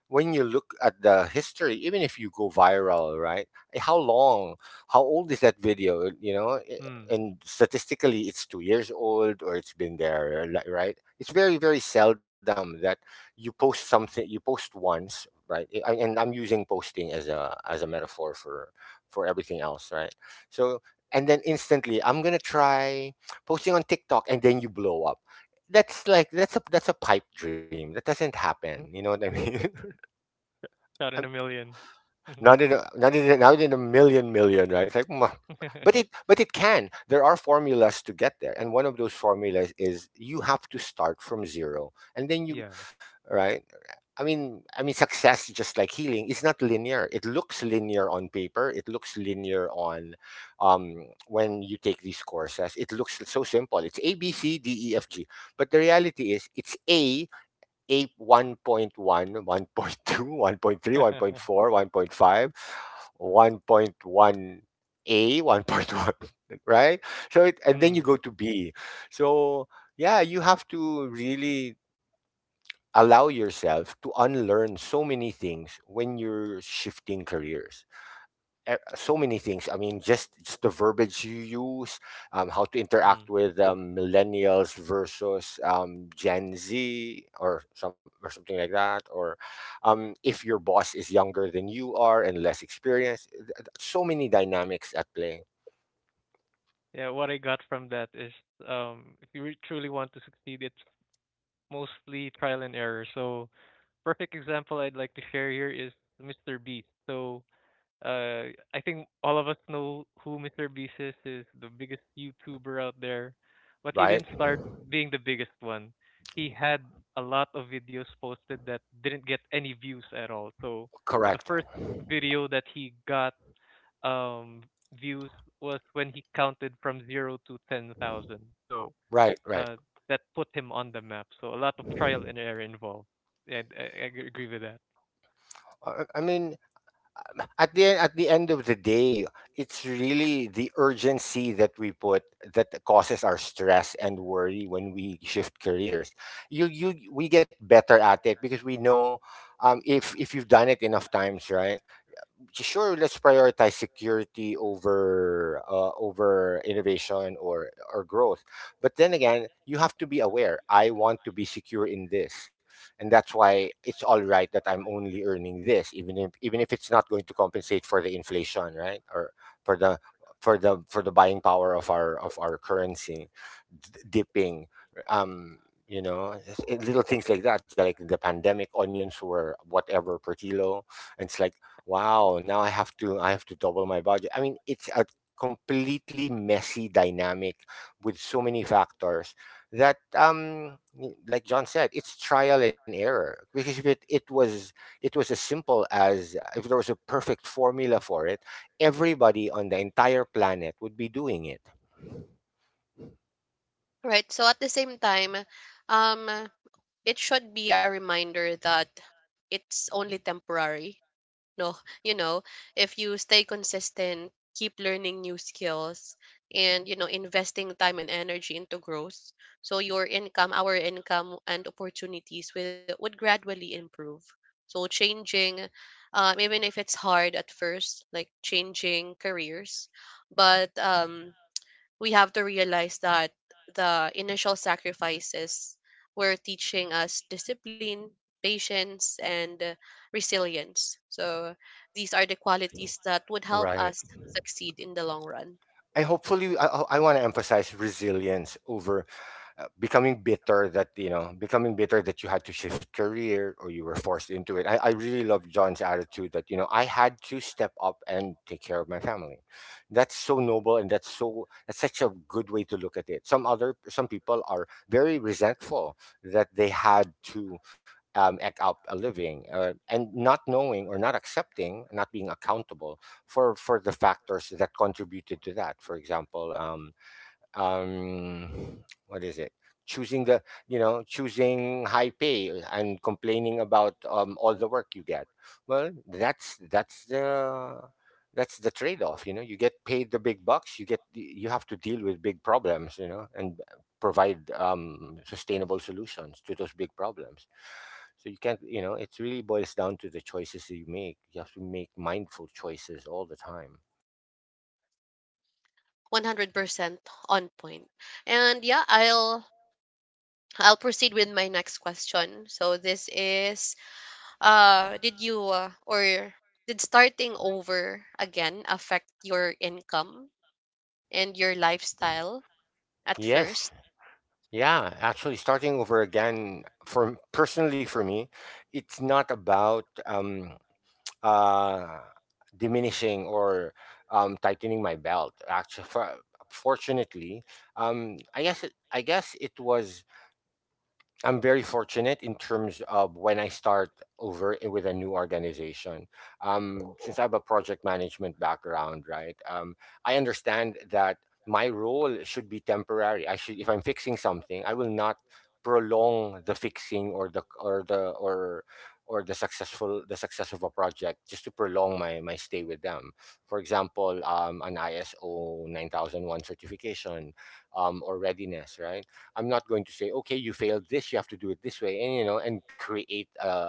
S2: when you look at the history, even if you go viral, right? eh, How long, how old is that video? You know, Eh,
S3: mm, mm.
S2: and statistically, it's two years old, or it's been there, li- right? It's very, very seldom that you post something, you post once, right? Eh, I- And I'm using posting as a as a metaphor for, for everything else, right? So, and then instantly, I'm gonna try posting on TikTok, and then you blow up. That's like, that's a that's a pipe dream. That doesn't happen. You know what I mean?
S3: Shot in a million.
S2: Not in a, not in a, not in a million million, right? It's like, "Mwah." But it but it can. There are formulas to get there, and one of those formulas is you have to start from zero, and then you,
S3: Yeah.
S2: right. I mean, I mean, success, just like healing, is not linear. It looks linear on paper. It looks linear on, um, when you take these courses. It looks so simple. It's A B C D E F G, but the reality is, it's A, ape, one point one, one point two, one point three one point four one point five one point one 1.1a, one point one, right? So it,
S3: Mm,
S2: and then you go
S3: mm.
S2: to B. So yeah, you have to really allow yourself to unlearn so many things when you're shifting careers, e- so many things. I mean, just just the verbiage you use, um, how to interact with, um, millennials versus, um, Gen Z, or some or something like that, or, um, if your boss is younger than you are and less experienced. Th- th- So many dynamics at play,
S3: Yeah. What I got from that is, um, if you re- truly want to succeed, it's mostly trial and error. So perfect example I'd like to share here is mister Beast. So, uh, I think all of us know who mister Beast is, is the biggest YouTuber out there. But he
S2: right?
S3: didn't start being the biggest one. He had a lot of videos posted that didn't get any views at all. So
S2: Correct.
S3: the first video that he got um views was when he counted from zero to ten thousand. So
S2: Right, right.
S3: uh that put him on the map. So a lot of trial and error involved. And I, I agree with that.
S2: I, I mean, at the, at the end of the day, it's really the urgency that we put that causes our stress and worry when we shift careers. You you We get better at it because we know, um, if if you've done it enough times, right? Sure, let's prioritize security over, uh, over innovation, or or growth. But then again, you have to be aware, I want to be secure in this, and that's why it's all right that I'm only earning this, even if, even if it's not going to compensate for the inflation, right, or for the, for the for the buying power of our, of our currency, d- dipping, um you know, s- little things like that, like the pandemic onions were whatever per kilo, and it's like, wow, now I have to, I have to double my budget. I mean, it's a completely messy dynamic with so many factors that, um y- like John said, it's trial and error. Because if it, it was it was as simple as, uh, if there was a perfect formula for it, everybody on the entire planet would be doing it.
S1: Right. So at the same time, um, it should be a reminder that it's only temporary. No, you know, if you stay consistent, keep learning new skills, and, you know, investing time and energy into growth, so your income, our income, and opportunities will would gradually improve. So changing, um, even if it's hard at first, like changing careers, but um, we have to realize that the initial sacrifices were teaching us discipline, patience, and uh, resilience. So these are the qualities that would help
S2: Right.
S1: us succeed in the long run.
S2: I hopefully I, I want to emphasize resilience over, uh, becoming bitter, that, you know, becoming bitter that you had to shift career, or you were forced into it. I, I really love John's attitude, that, you know, I had to step up and take care of my family. That's so noble, and that's so that's such a good way to look at it. Some other some people are very resentful that they had to, um, act out a living, uh, and not knowing, or not accepting, not being accountable for for the factors that contributed to that, for example, um, um what is it, choosing the, you know, choosing high pay, uh, and complaining about, um all the work you get. Well, that's that's the that's the trade-off, you know. You get paid the big bucks, you get you have to deal with big problems, you know, and provide, um sustainable solutions to those big problems. So you can't, you know, it really boils down to the choices that you make. You have to make mindful choices all the time.
S1: one hundred percent on point. And yeah, I'll I'll proceed with my next question. So this is uh did you uh, or did starting over again affect your income and your lifestyle at first?
S2: Yes. Yeah, actually, starting over again, for personally, for me, it's not about, um, uh, diminishing, or um, tightening my belt. Actually, for, fortunately, um, I guess it, I guess it was, I'm very fortunate in terms of when I start over, i- with a new organization. Um, since I have a project management background, right? Um, I understand that my role should be temporary. I should, if I'm fixing something, I will not prolong the fixing, or the, or the or or the successful the success of a project, just to prolong my my stay with them. For example, um, an ISO nine thousand one certification, um, or readiness, right? I'm not going to say, okay, you failed this, you have to do it this way, and, you know, and create a,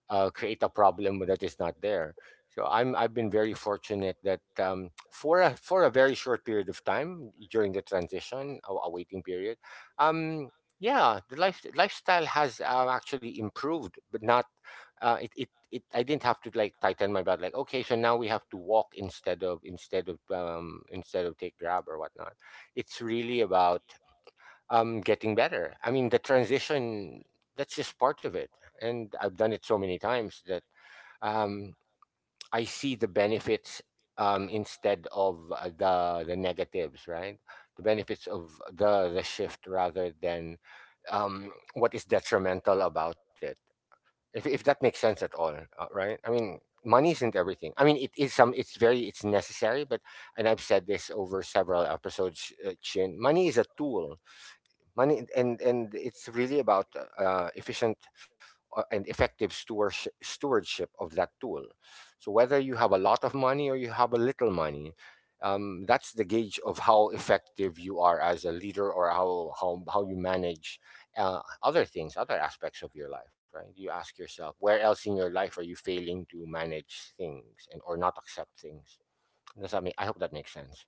S2: uh, create a problem that is not there. So I'm I've been very fortunate that, um, for a for a very short period of time during the transition, a, a waiting period, um, yeah, the life lifestyle has, uh, actually improved, but not, uh, it it. It, I didn't have to, like, tighten my belt, like, okay, so now we have to walk instead of, instead of um instead of take Grab or whatnot. It's really about, I getting better. I mean, the transition, that's just part of it. And I've done it so many times that, um, I see the benefits, um, instead of, uh, the, the negatives, right? The benefits of the, the shift, rather than, um, what is detrimental about it. If, if that makes sense at all, uh, right? I mean, money isn't everything. I mean, it is some, it's very, it's necessary, but, and I've said this over several episodes, uh, Chin, money is a tool. Money and and it's really about uh, efficient uh, and effective stewardship, stewardship of that tool. So whether you have a lot of money or you have a little money, um, that's the gauge of how effective you are as a leader, or how how, how you manage uh, other things other aspects of your life, right? You ask yourself, where else in your life are you failing to manage things and or not accept things? Does that make I hope that makes sense.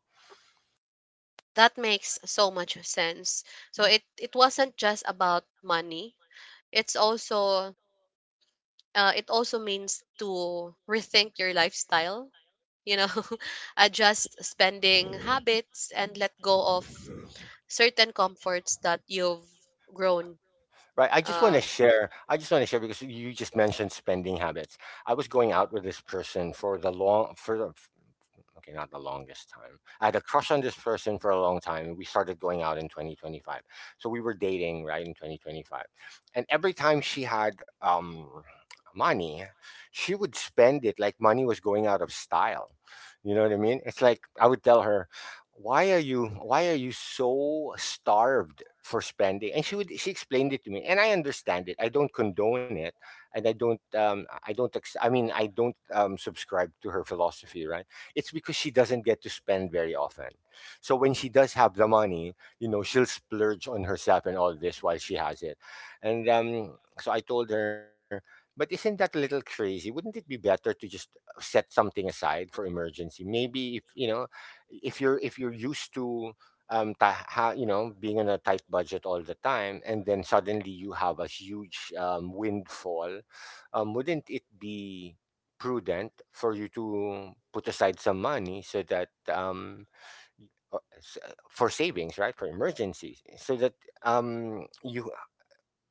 S1: That makes so much sense. So it it wasn't just about money. It's also uh, it also means to rethink your lifestyle, you know, adjust spending habits, and let go of certain comforts that you've grown.
S2: Right. I just want
S1: Uh,
S2: to share. I just want to share because you just mentioned spending habits. I was going out with this person for the long for the, okay, not the longest time. I had a crush on this person for a long time. We started going out in twenty twenty-five. So we were dating, right, in twenty twenty-five. And every time she had um, money, she would spend it like money was going out of style. You know what I mean? It's like I would tell her, why are you why are you so starved for spending? And she would she explained it to me, and I understand it. I don't condone it, and I don't um i don't ex- i mean I don't um subscribe to her philosophy, right? It's because she doesn't get to spend very often. So when she does have the money, you know, she'll splurge on herself and all this while she has it. And um, so I told her, but isn't that a little crazy? Wouldn't it be better to just uh, set something aside for emergency? Maybe if you know, if you're if you're used to um, ta- ha, you know, being on a tight budget all the time, and then suddenly you have a huge um, windfall. Um, wouldn't it be prudent for you to put aside some money so that um, uh, s- uh, for savings, right? For emergencies, so that um, you,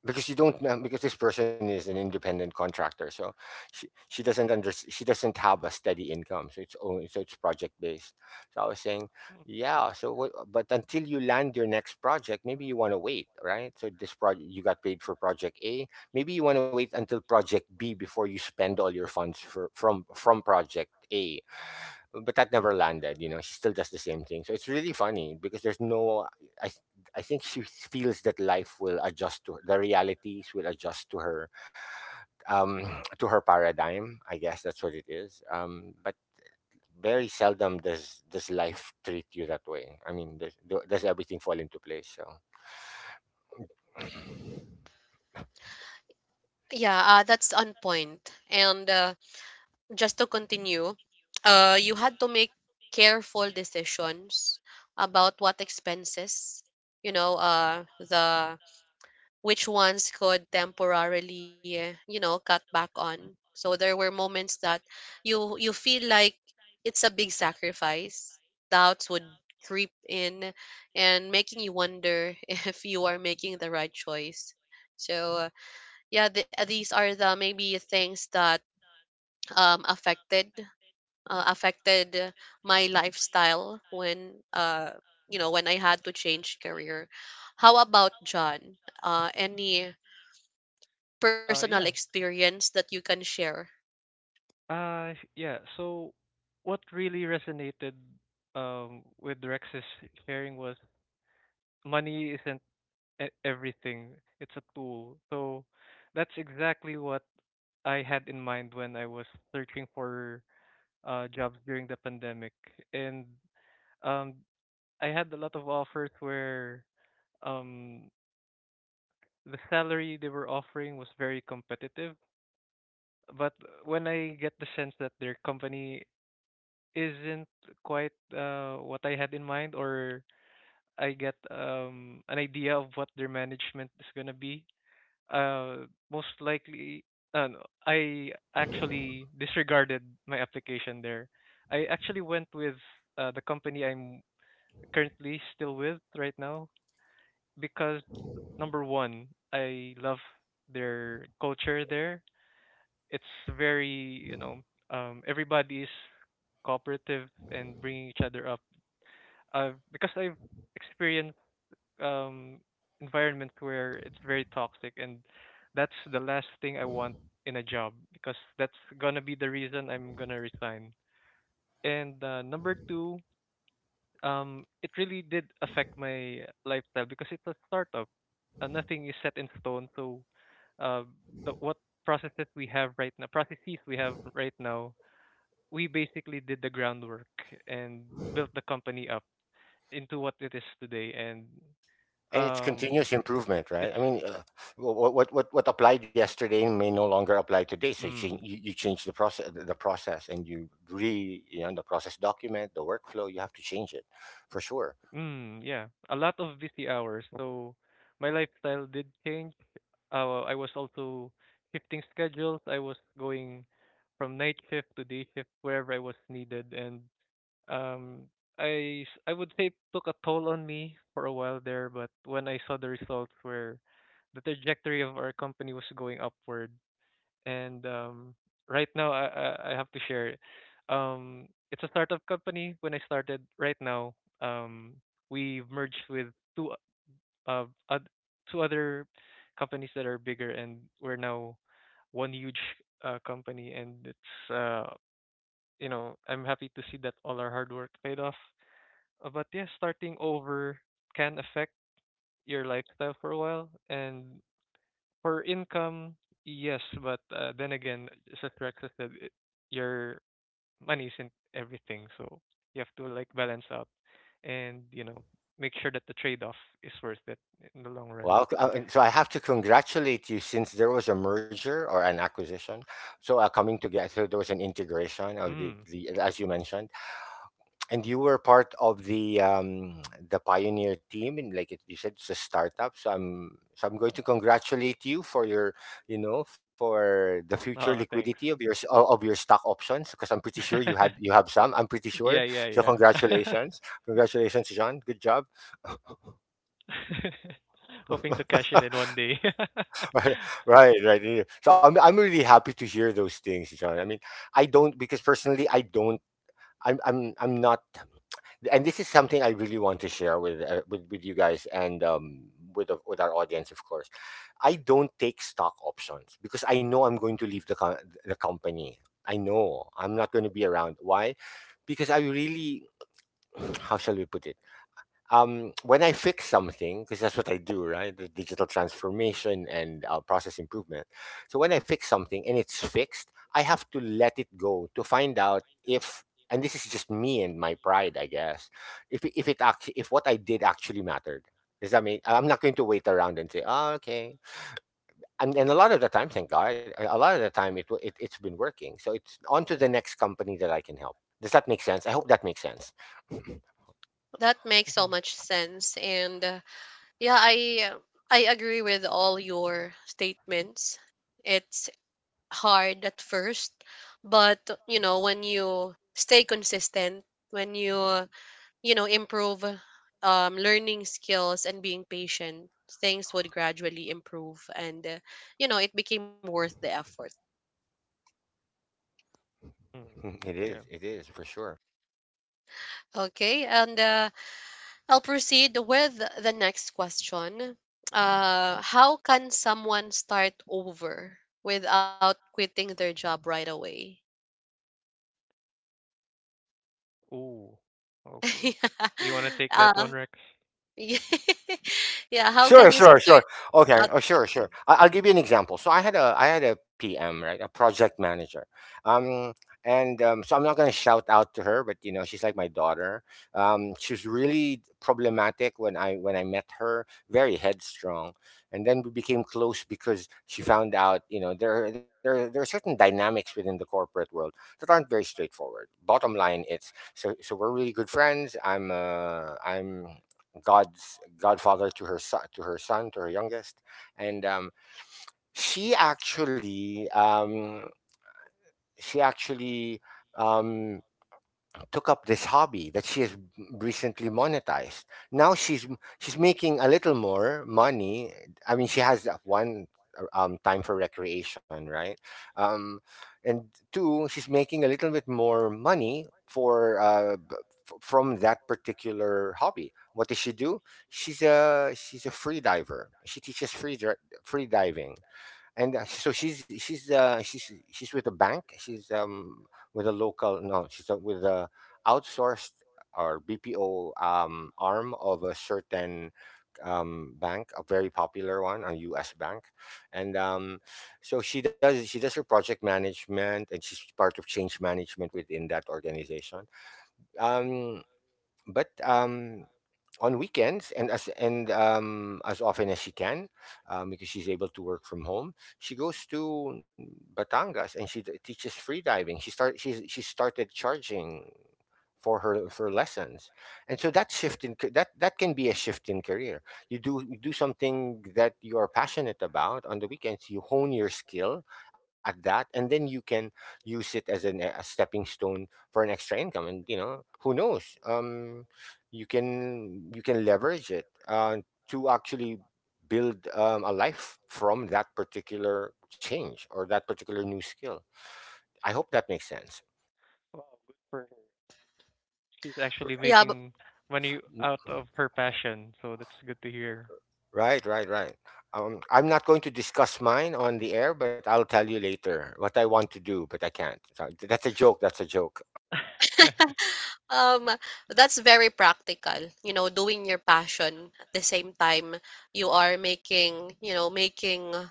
S2: because you don't know, because this person is an independent contractor. So she, she doesn't under she doesn't have a steady income, so it's only, so it's project based. So I was saying,
S3: Mm.
S2: yeah, so what, but until you land your next project, maybe you want to wait, right? So this project, you got paid for project A. Maybe you want to wait until project B before you spend all your funds for from from project A. But that never landed. You know, she still does the same thing. So it's really funny because there's no, i i think she feels that life will adjust to her, the realities will adjust to her, um to her paradigm, I guess that's what it is. um but very seldom does does life treat you that way. I mean, does, do- does everything fall into place? So,
S1: yeah, uh, that's on point. And uh, just to continue, uh, you had to make careful decisions about what expenses, you know, uh, the which ones could temporarily, eh, you know, cut back on. So there were moments that you you feel like it's a big sacrifice. Doubts would creep in and making you wonder if you are making the right choice. So uh, yeah, th- these are the maybe things that um affected uh, affected my lifestyle when uh you know, when I had to change career. How about John? Uh, any
S3: Uh,
S1: personal
S3: yeah.
S1: experience that you can share?
S3: Uh, yeah. So, what really resonated um with Rex's sharing was money isn't e- everything; it's a tool. So, that's exactly what I had in mind when I was searching for uh jobs during the pandemic, and um I had a lot of offers where um the salary they were offering was very competitive, but when I get the sense that their company isn't quite uh, what I had in mind, or I get um, an idea of what their management is gonna be. Uh, most likely, uh, no, I actually disregarded my application there. I actually went with uh, the company I'm currently still with right now because number one, I love their culture there. It's very, you know, um, everybody is cooperative and bringing each other up uh, because I've experienced um, environments where it's very toxic, and that's the last thing I want in a job because that's gonna be the reason I'm gonna resign. And uh, number two, um, it really did affect my lifestyle because it's a startup. Uh, nothing is set in stone, so uh, the what processes we have right now, processes we have right now, we basically did the groundwork and built the company up into what it is today. And
S2: and it's
S3: um,
S2: continuous improvement, right?
S3: it's
S2: I mean, uh, what what what what applied yesterday may no longer apply today. So you change,
S3: mm,
S2: you, you change the process, the process, and you re you know, the process document, the workflow. You have to change it, for sure.
S3: mm, Yeah, a lot of busy hours. So my lifestyle did change. Uh, I was also shifting schedules. I was going from night shift to day shift wherever I was needed, and um, I s- I would say it took a toll on me for a while there. But when I saw the results where the trajectory of our company was going upward, and um, right now I, I I have to share. Um, it's a startup company. When I started, right now, um, we've merged with two uh, oth- two other companies that are bigger, and we're now one huge uh, company. And it's uh, you know, I'm happy to see that all our hard work paid off. Uh, but yeah, starting over can affect your lifestyle for a while, and for income, yes, but uh, then again, just as Rex has said, it- your money isn't everything, so you have to like balance out and you know make sure that the trade-off is worth it in the long run.
S2: Well, c- uh, and so I have to congratulate you since there was a merger or an acquisition. So uh, coming together, there was an integration of the,
S3: Mm.
S2: the, as you mentioned. And you were part of the um, the pioneer team, and like it, you said, it's a startup. So I'm so I'm going to congratulate you for your, you know, for the future
S3: Oh,
S2: liquidity
S3: thanks.
S2: of your s- o- of your stock options, because I'm pretty sure you had you have some. I'm pretty
S3: Yeah,
S2: sure.
S3: yeah,
S2: So
S3: yeah.
S2: congratulations, congratulations, John. Good job.
S3: Hoping to cash in in one day.
S2: Right, right, right. yeah. So I'm I'm really happy to hear those things, John. I mean, I don't, because personally, I don't. I'm I'm I'm not. And this is something I really want to share with uh, with with you guys, and um, with the- with our audience, of course. I don't take stock options because I know I'm going to leave the co- the company. I know I'm not going to be around. Why? Because I really, how shall we put it? um, when I fix something, because that's what I do, right? The digital transformation and uh, process improvement. So when I fix something and it's fixed, I have to let it go to find out if, and this is just me and my pride, I guess, if it- if it actually, if what I did actually mattered. Does that mean I'm not going to wait around and say, oh, okay, and, and a lot of the time, thank God, a a lot of the time it, wa- it it's been working. So it's on to the next company that I can help. Does that make sense? I hope that makes sense.
S1: That makes so
S3: Mhm.
S1: much sense, and uh, yeah, I uh, I agree with all your statements. It's hard at first, but, you know, when you stay consistent, when you, you know, improve um, learning skills and being patient, things would gradually improve and, uh, you know, it became worth the effort.
S3: Mm.
S2: It
S3: Yeah.
S2: is. It is for sure.
S1: Okay, and uh, I'll proceed with the next question. Uh, how can someone start over without quitting their job right away?
S3: Ooh.
S1: yeah.
S3: Okay. You want to take that
S1: Uh,
S3: one, Rex?
S1: yeah.
S2: Uh,
S1: Yeah, how can
S2: sure,
S1: you
S2: sure, sure. Okay.
S1: without
S2: Oh, sure, sure.
S1: quitting?
S2: I- I'll give you an example. So I had a I had a P M, right, a project manager. Um, and um, so I'm not going to shout out to her, but you know, she's like my daughter. Um, she was really problematic when I when I met her, very headstrong. And then we became close because she found out, you know, there are- there are- there are certain dynamics within the corporate world that aren't very straightforward. Bottom line, it's, so so we're really good friends. I'm uh, I'm god's godfather to her son, to her son to her youngest. And um, She actually um, she actually um, took up this hobby that she has recently monetized. Now she's she's making a little more money. I mean, she has uh, one um, time for recreation, right? Um, and Two, she's making a little bit more money for uh, b- f- from that particular hobby. What does she do? She's a she's a free diver. She teaches free dri- free diving. And uh, so she's she's uh, she's she's with a bank. She's um, with a local no, she's uh, with a outsourced or B P O um, arm of a certain um, bank, a very popular one, a U S bank. And um, so she does she does her project management, and she's part of change management within that organization. Um, but um, on weekends and as and um, as often as she can, um, because she's able to work from home, she goes to Batangas, and she d- teaches free diving. she start she's, she started charging for her for lessons. And so that shift in ca- that, that can be a shift in career. You do you do something that you are passionate about on the weekends, you hone your skill at that, and then you can use it as an, a stepping stone for an extra income, and you know, who knows, um you can you can leverage it uh, to actually build um, a life from that particular change or that particular new skill. I hope that makes sense.
S3: Well, for she's actually
S2: R-
S1: Yeah, but
S3: making money out
S2: w-
S3: of her passion, so that's good to hear.
S2: right, right right um, I'm not going to discuss mine on the air, but I'll tell you later what I want to do, but I can't. So, th- that's a joke, that's a joke
S3: What
S1: um, that's very practical. You know, doing your passion at the same time you are making, you know, making uh,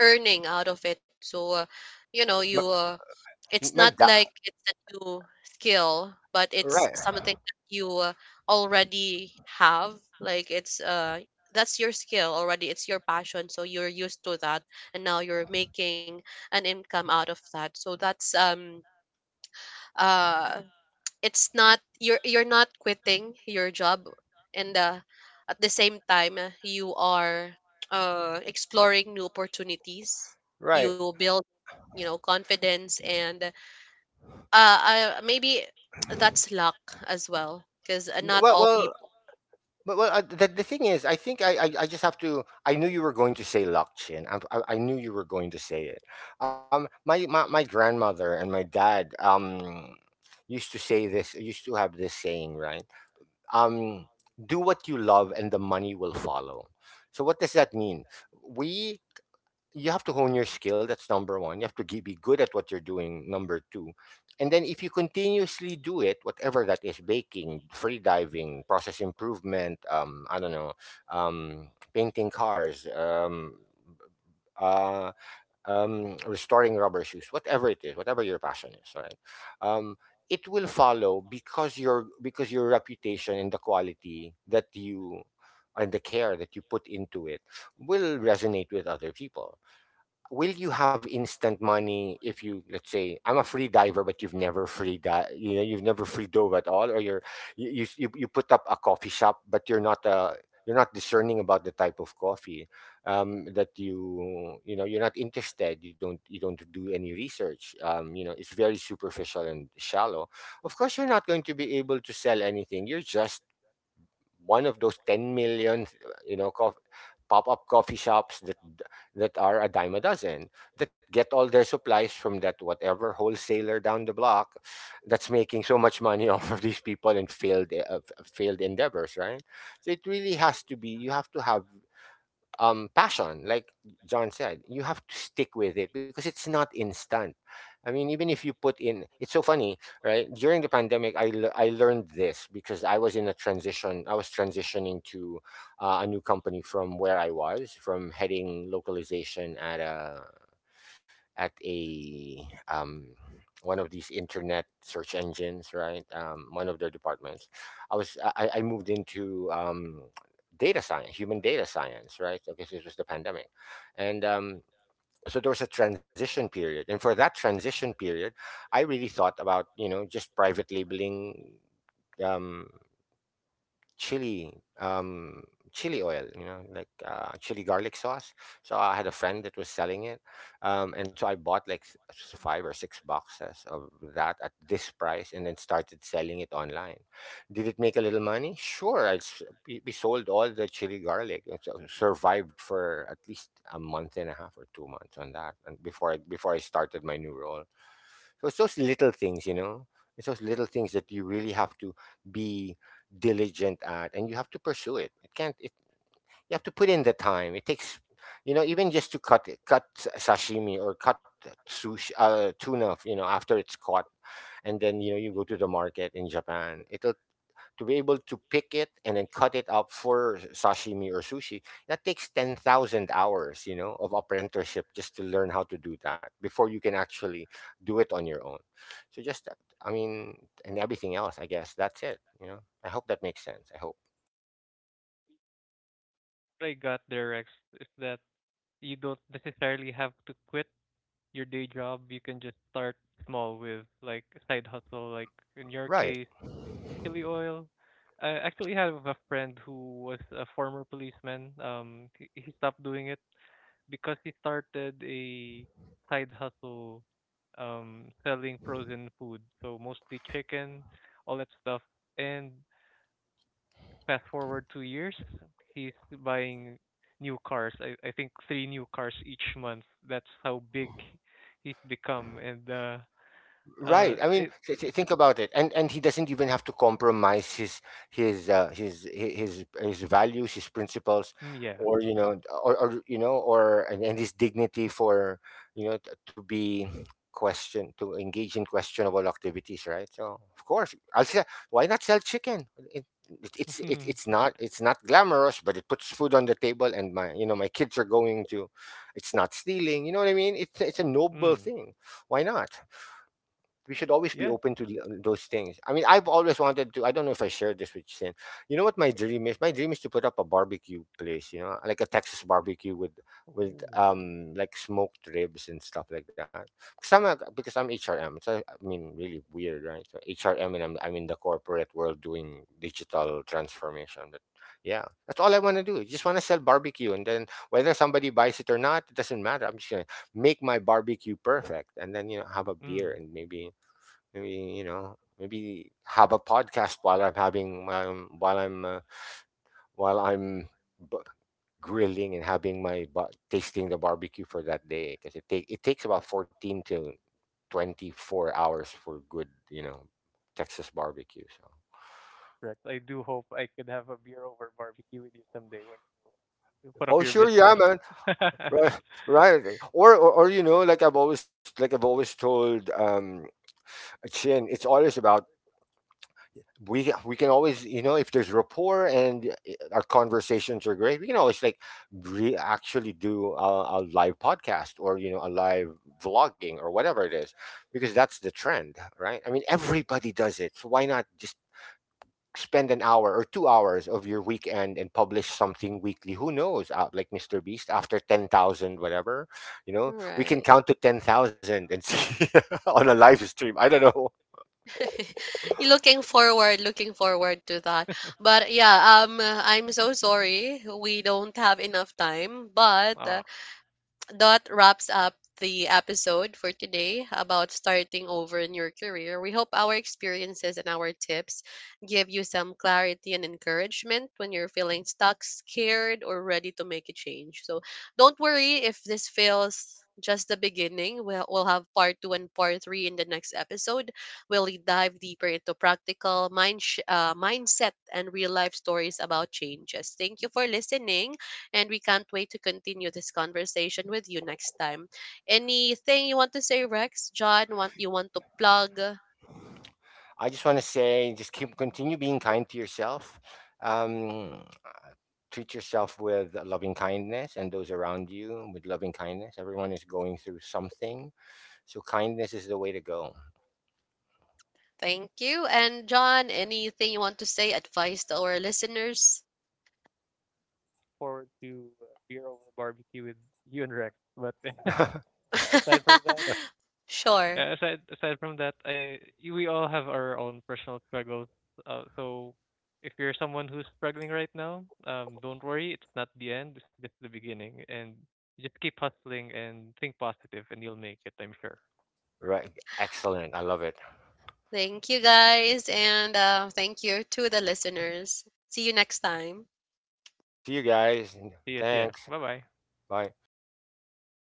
S1: earning out of it. So, uh, you know, you
S2: my,
S1: uh, it's not
S2: my
S1: like
S2: dad
S1: it's a new skill, but it's something
S2: right.
S1: that you uh, already have. Like, it's uh that's your skill already. It's your passion, so you're used to that, and now you're making an income out of that. So that's um uh it's not, you're you're not quitting your job, and uh, at the same time uh, you are uh, exploring new opportunities.
S2: right
S1: You build, you know, confidence and uh, uh maybe that's luck as well, because uh, not
S2: well
S1: all
S2: well
S1: people
S2: But well, uh, the, the thing is, I think I, I, I just have to. I knew you were going to say, Lakchin. I, I, I knew you were going to say it. Um, my, my my grandmother and my dad um used to say this. Used to have this saying, right? Um, do what you love, and the money will follow. So what does that mean? We You have to hone your skill. That's number one. You have to ge- be good at what you're doing. Number two, and then if you continuously do it, whatever that is, baking, free diving, process improvement, um, I don't know, um, painting cars, um, uh, um, restoring rubber shoes, whatever it is, whatever your passion is, right? Um, it will follow because your, because your reputation and the quality that you, and the care that you put into it will resonate with other people. Will you have instant money if you let's say I'm a free diver, but you've never free di- you know, you've never free dove at all, or you're, you, you s- you you put up a coffee shop, but you're not uh you're not discerning about the type of coffee um that you you know, you're not interested, you don't, you don't do any research, um, you know, it's very superficial and shallow, of course you're not going to be able to sell anything. You're just one of those 10 million, you know, cof- pop-up coffee shops that, that are a dime a dozen, that get all their supplies from that whatever wholesaler down the block, that's making so much money off of these people and failed uh, f- failed endeavors, right? So it really has to be, you have to have um, passion, like John said. You have to stick with it because it's not instant. I mean, even if you put in, it's so funny, right? During the pandemic, I, le- I learned this because I was in a transition. I was transitioning to uh, a new company from where I was, from heading localization at a at a um one of these internet search engines, right? Um, one of their departments. I was I, I I moved into um, data science, human data science, right? Because this was the pandemic, and um, so there was a transition period. And for that transition period, I really thought about you know just private labeling. Um, chili um chili oil, you know like uh chili garlic sauce. So I had a friend that was selling it. Um and so I bought like s- s- five or six boxes of that at this price, and then started selling it online. Did it make a little money? Sure. I s- we we sold all the chili garlic, and so survived for at least a month and a half or two months on that, and before i before i started my new role. So it's those little things, you know it's those little things that you really have to be diligent at, and you have to pursue it. It can't it, You have to put in the time it takes. You know even just to cut it cut s- sashimi or cut sushi, uh, tuna, you know after it's caught. And then you know you go to the market in Japan, it'll, to be able to pick it and then cut it up for sashimi or sushi, that takes ten thousand hours, you know of apprenticeship, just to learn how to do that before you can actually do it on your own. So just, uh, i mean and everything else, I guess that's it you know I hope that makes sense. I hope.
S3: I got there, Rex, is that you don't necessarily have to quit your day job. You can just start small with like a side hustle, like in your
S2: Right.
S3: case, chili oil. I actually have a friend who was a former policeman. Um, he, he stopped doing it because he started a side hustle um selling frozen food, so mostly chicken, all that stuff. And fast forward two years, he's buying new cars. I, I think three new cars each month. That's how big he's become. And uh
S2: Right.
S3: uh
S2: I mean,
S3: it,
S2: th-
S3: it
S2: th- think about it. And and he doesn't even have to compromise his his uh, his hi- his his values, his principles,
S3: Mm, yeah.
S2: or you know, or, or you know, or and, and his dignity for, you know t- to be, question, to engage in questionable activities. Right. So of course, I'll say, why not sell chicken? It, it, it's it, it's not, it's not glamorous, but it puts food on the table, and my, you know my kids are going to. It's not stealing. You know what I mean? It's it's a noble
S3: Mm.
S2: thing. Why not? We should always be open
S3: Yes.
S2: to l- uh, those things. I mean, I've always wanted to. I don't know if I shared this with Sin. You know what my dream is? My dream is to put up a barbecue place. You know, like a Texas barbecue with with
S3: Ooh.
S2: um like smoked ribs and stuff like that. Because I'm a, because I'm H R M. So I mean, really weird, right? So H R M, and I'm I'm in the corporate world doing digital transformation. But yeah, that's all I want to do. Just want to sell barbecue, and then whether somebody buys it or not, it doesn't matter. I'm just gonna make my barbecue perfect, and then you know have a beer,
S3: Mm.
S2: and maybe, maybe, you know, maybe have a podcast while I'm having um, while I'm uh, while I'm b- grilling and having my ba- tasting the barbecue for that day, because it take it takes about fourteen to twenty four hours for good, you know Texas barbecue. So.
S3: Correct. I do hope I could have a beer over barbecue with you someday when you put up
S2: Oh
S3: your
S2: sure, yeah
S3: business.
S2: man. Right. Right. or, or or you know, like I've always, like I've always told um Chin, it's always about, we we can always, you know if there's rapport and uh, our conversations are great, we can always like re- actually do a, a live podcast, or you know, a live vlogging or whatever it is, because that's the trend, right? I mean, everybody does it, so why not just spend an hour or two hours of your weekend and publish something weekly? Who knows? Uh, like Mr. Beast, after ten thousand whatever, you know, we can count
S1: right.
S2: to ten thousand and see on a live stream. I don't know.
S1: you looking forward, looking forward to that. But yeah, um I'm so sorry we don't have enough time, but
S3: Oh,
S1: uh, that wraps up the episode for today about starting over in your career. We hope our experiences and our tips give you some clarity and encouragement when you're feeling stuck, scared, or ready to make a change. So don't worry if this feels just the beginning. We'll, we'll have part two and part three in the next episode. We'll dive deeper into practical mind sh- uh, mindset and real life stories about changes. Thank you for listening, and we can't wait to continue this conversation with you next time. Anything you want to say, Rex? John, want you want to plug?
S2: I just want to say, just keep continue being kind to yourself. Um, Treat yourself with loving kindness, and those around you with loving kindness. Everyone is going through something, so kindness is the way to go.
S1: Thank you. And John, anything you want to say, advice to our listeners?
S3: forward to uh, beer over barbecue with you and Rex. But aside from that,
S1: sure.
S3: yeah, aside aside from that, I you- we all have our own personal struggles. Uh, so if you're someone who's struggling right now, um, don't worry, it's not the end, it's just the beginning, and just keep hustling and think positive, and you'll make it. I'm sure.
S2: Right? Excellent. I love it.
S1: Thank you guys, and uh, thank you to the listeners. See you next time.
S2: See you guys.
S3: See ya, see ya.
S2: Thanks.
S3: Bye bye.
S2: Bye.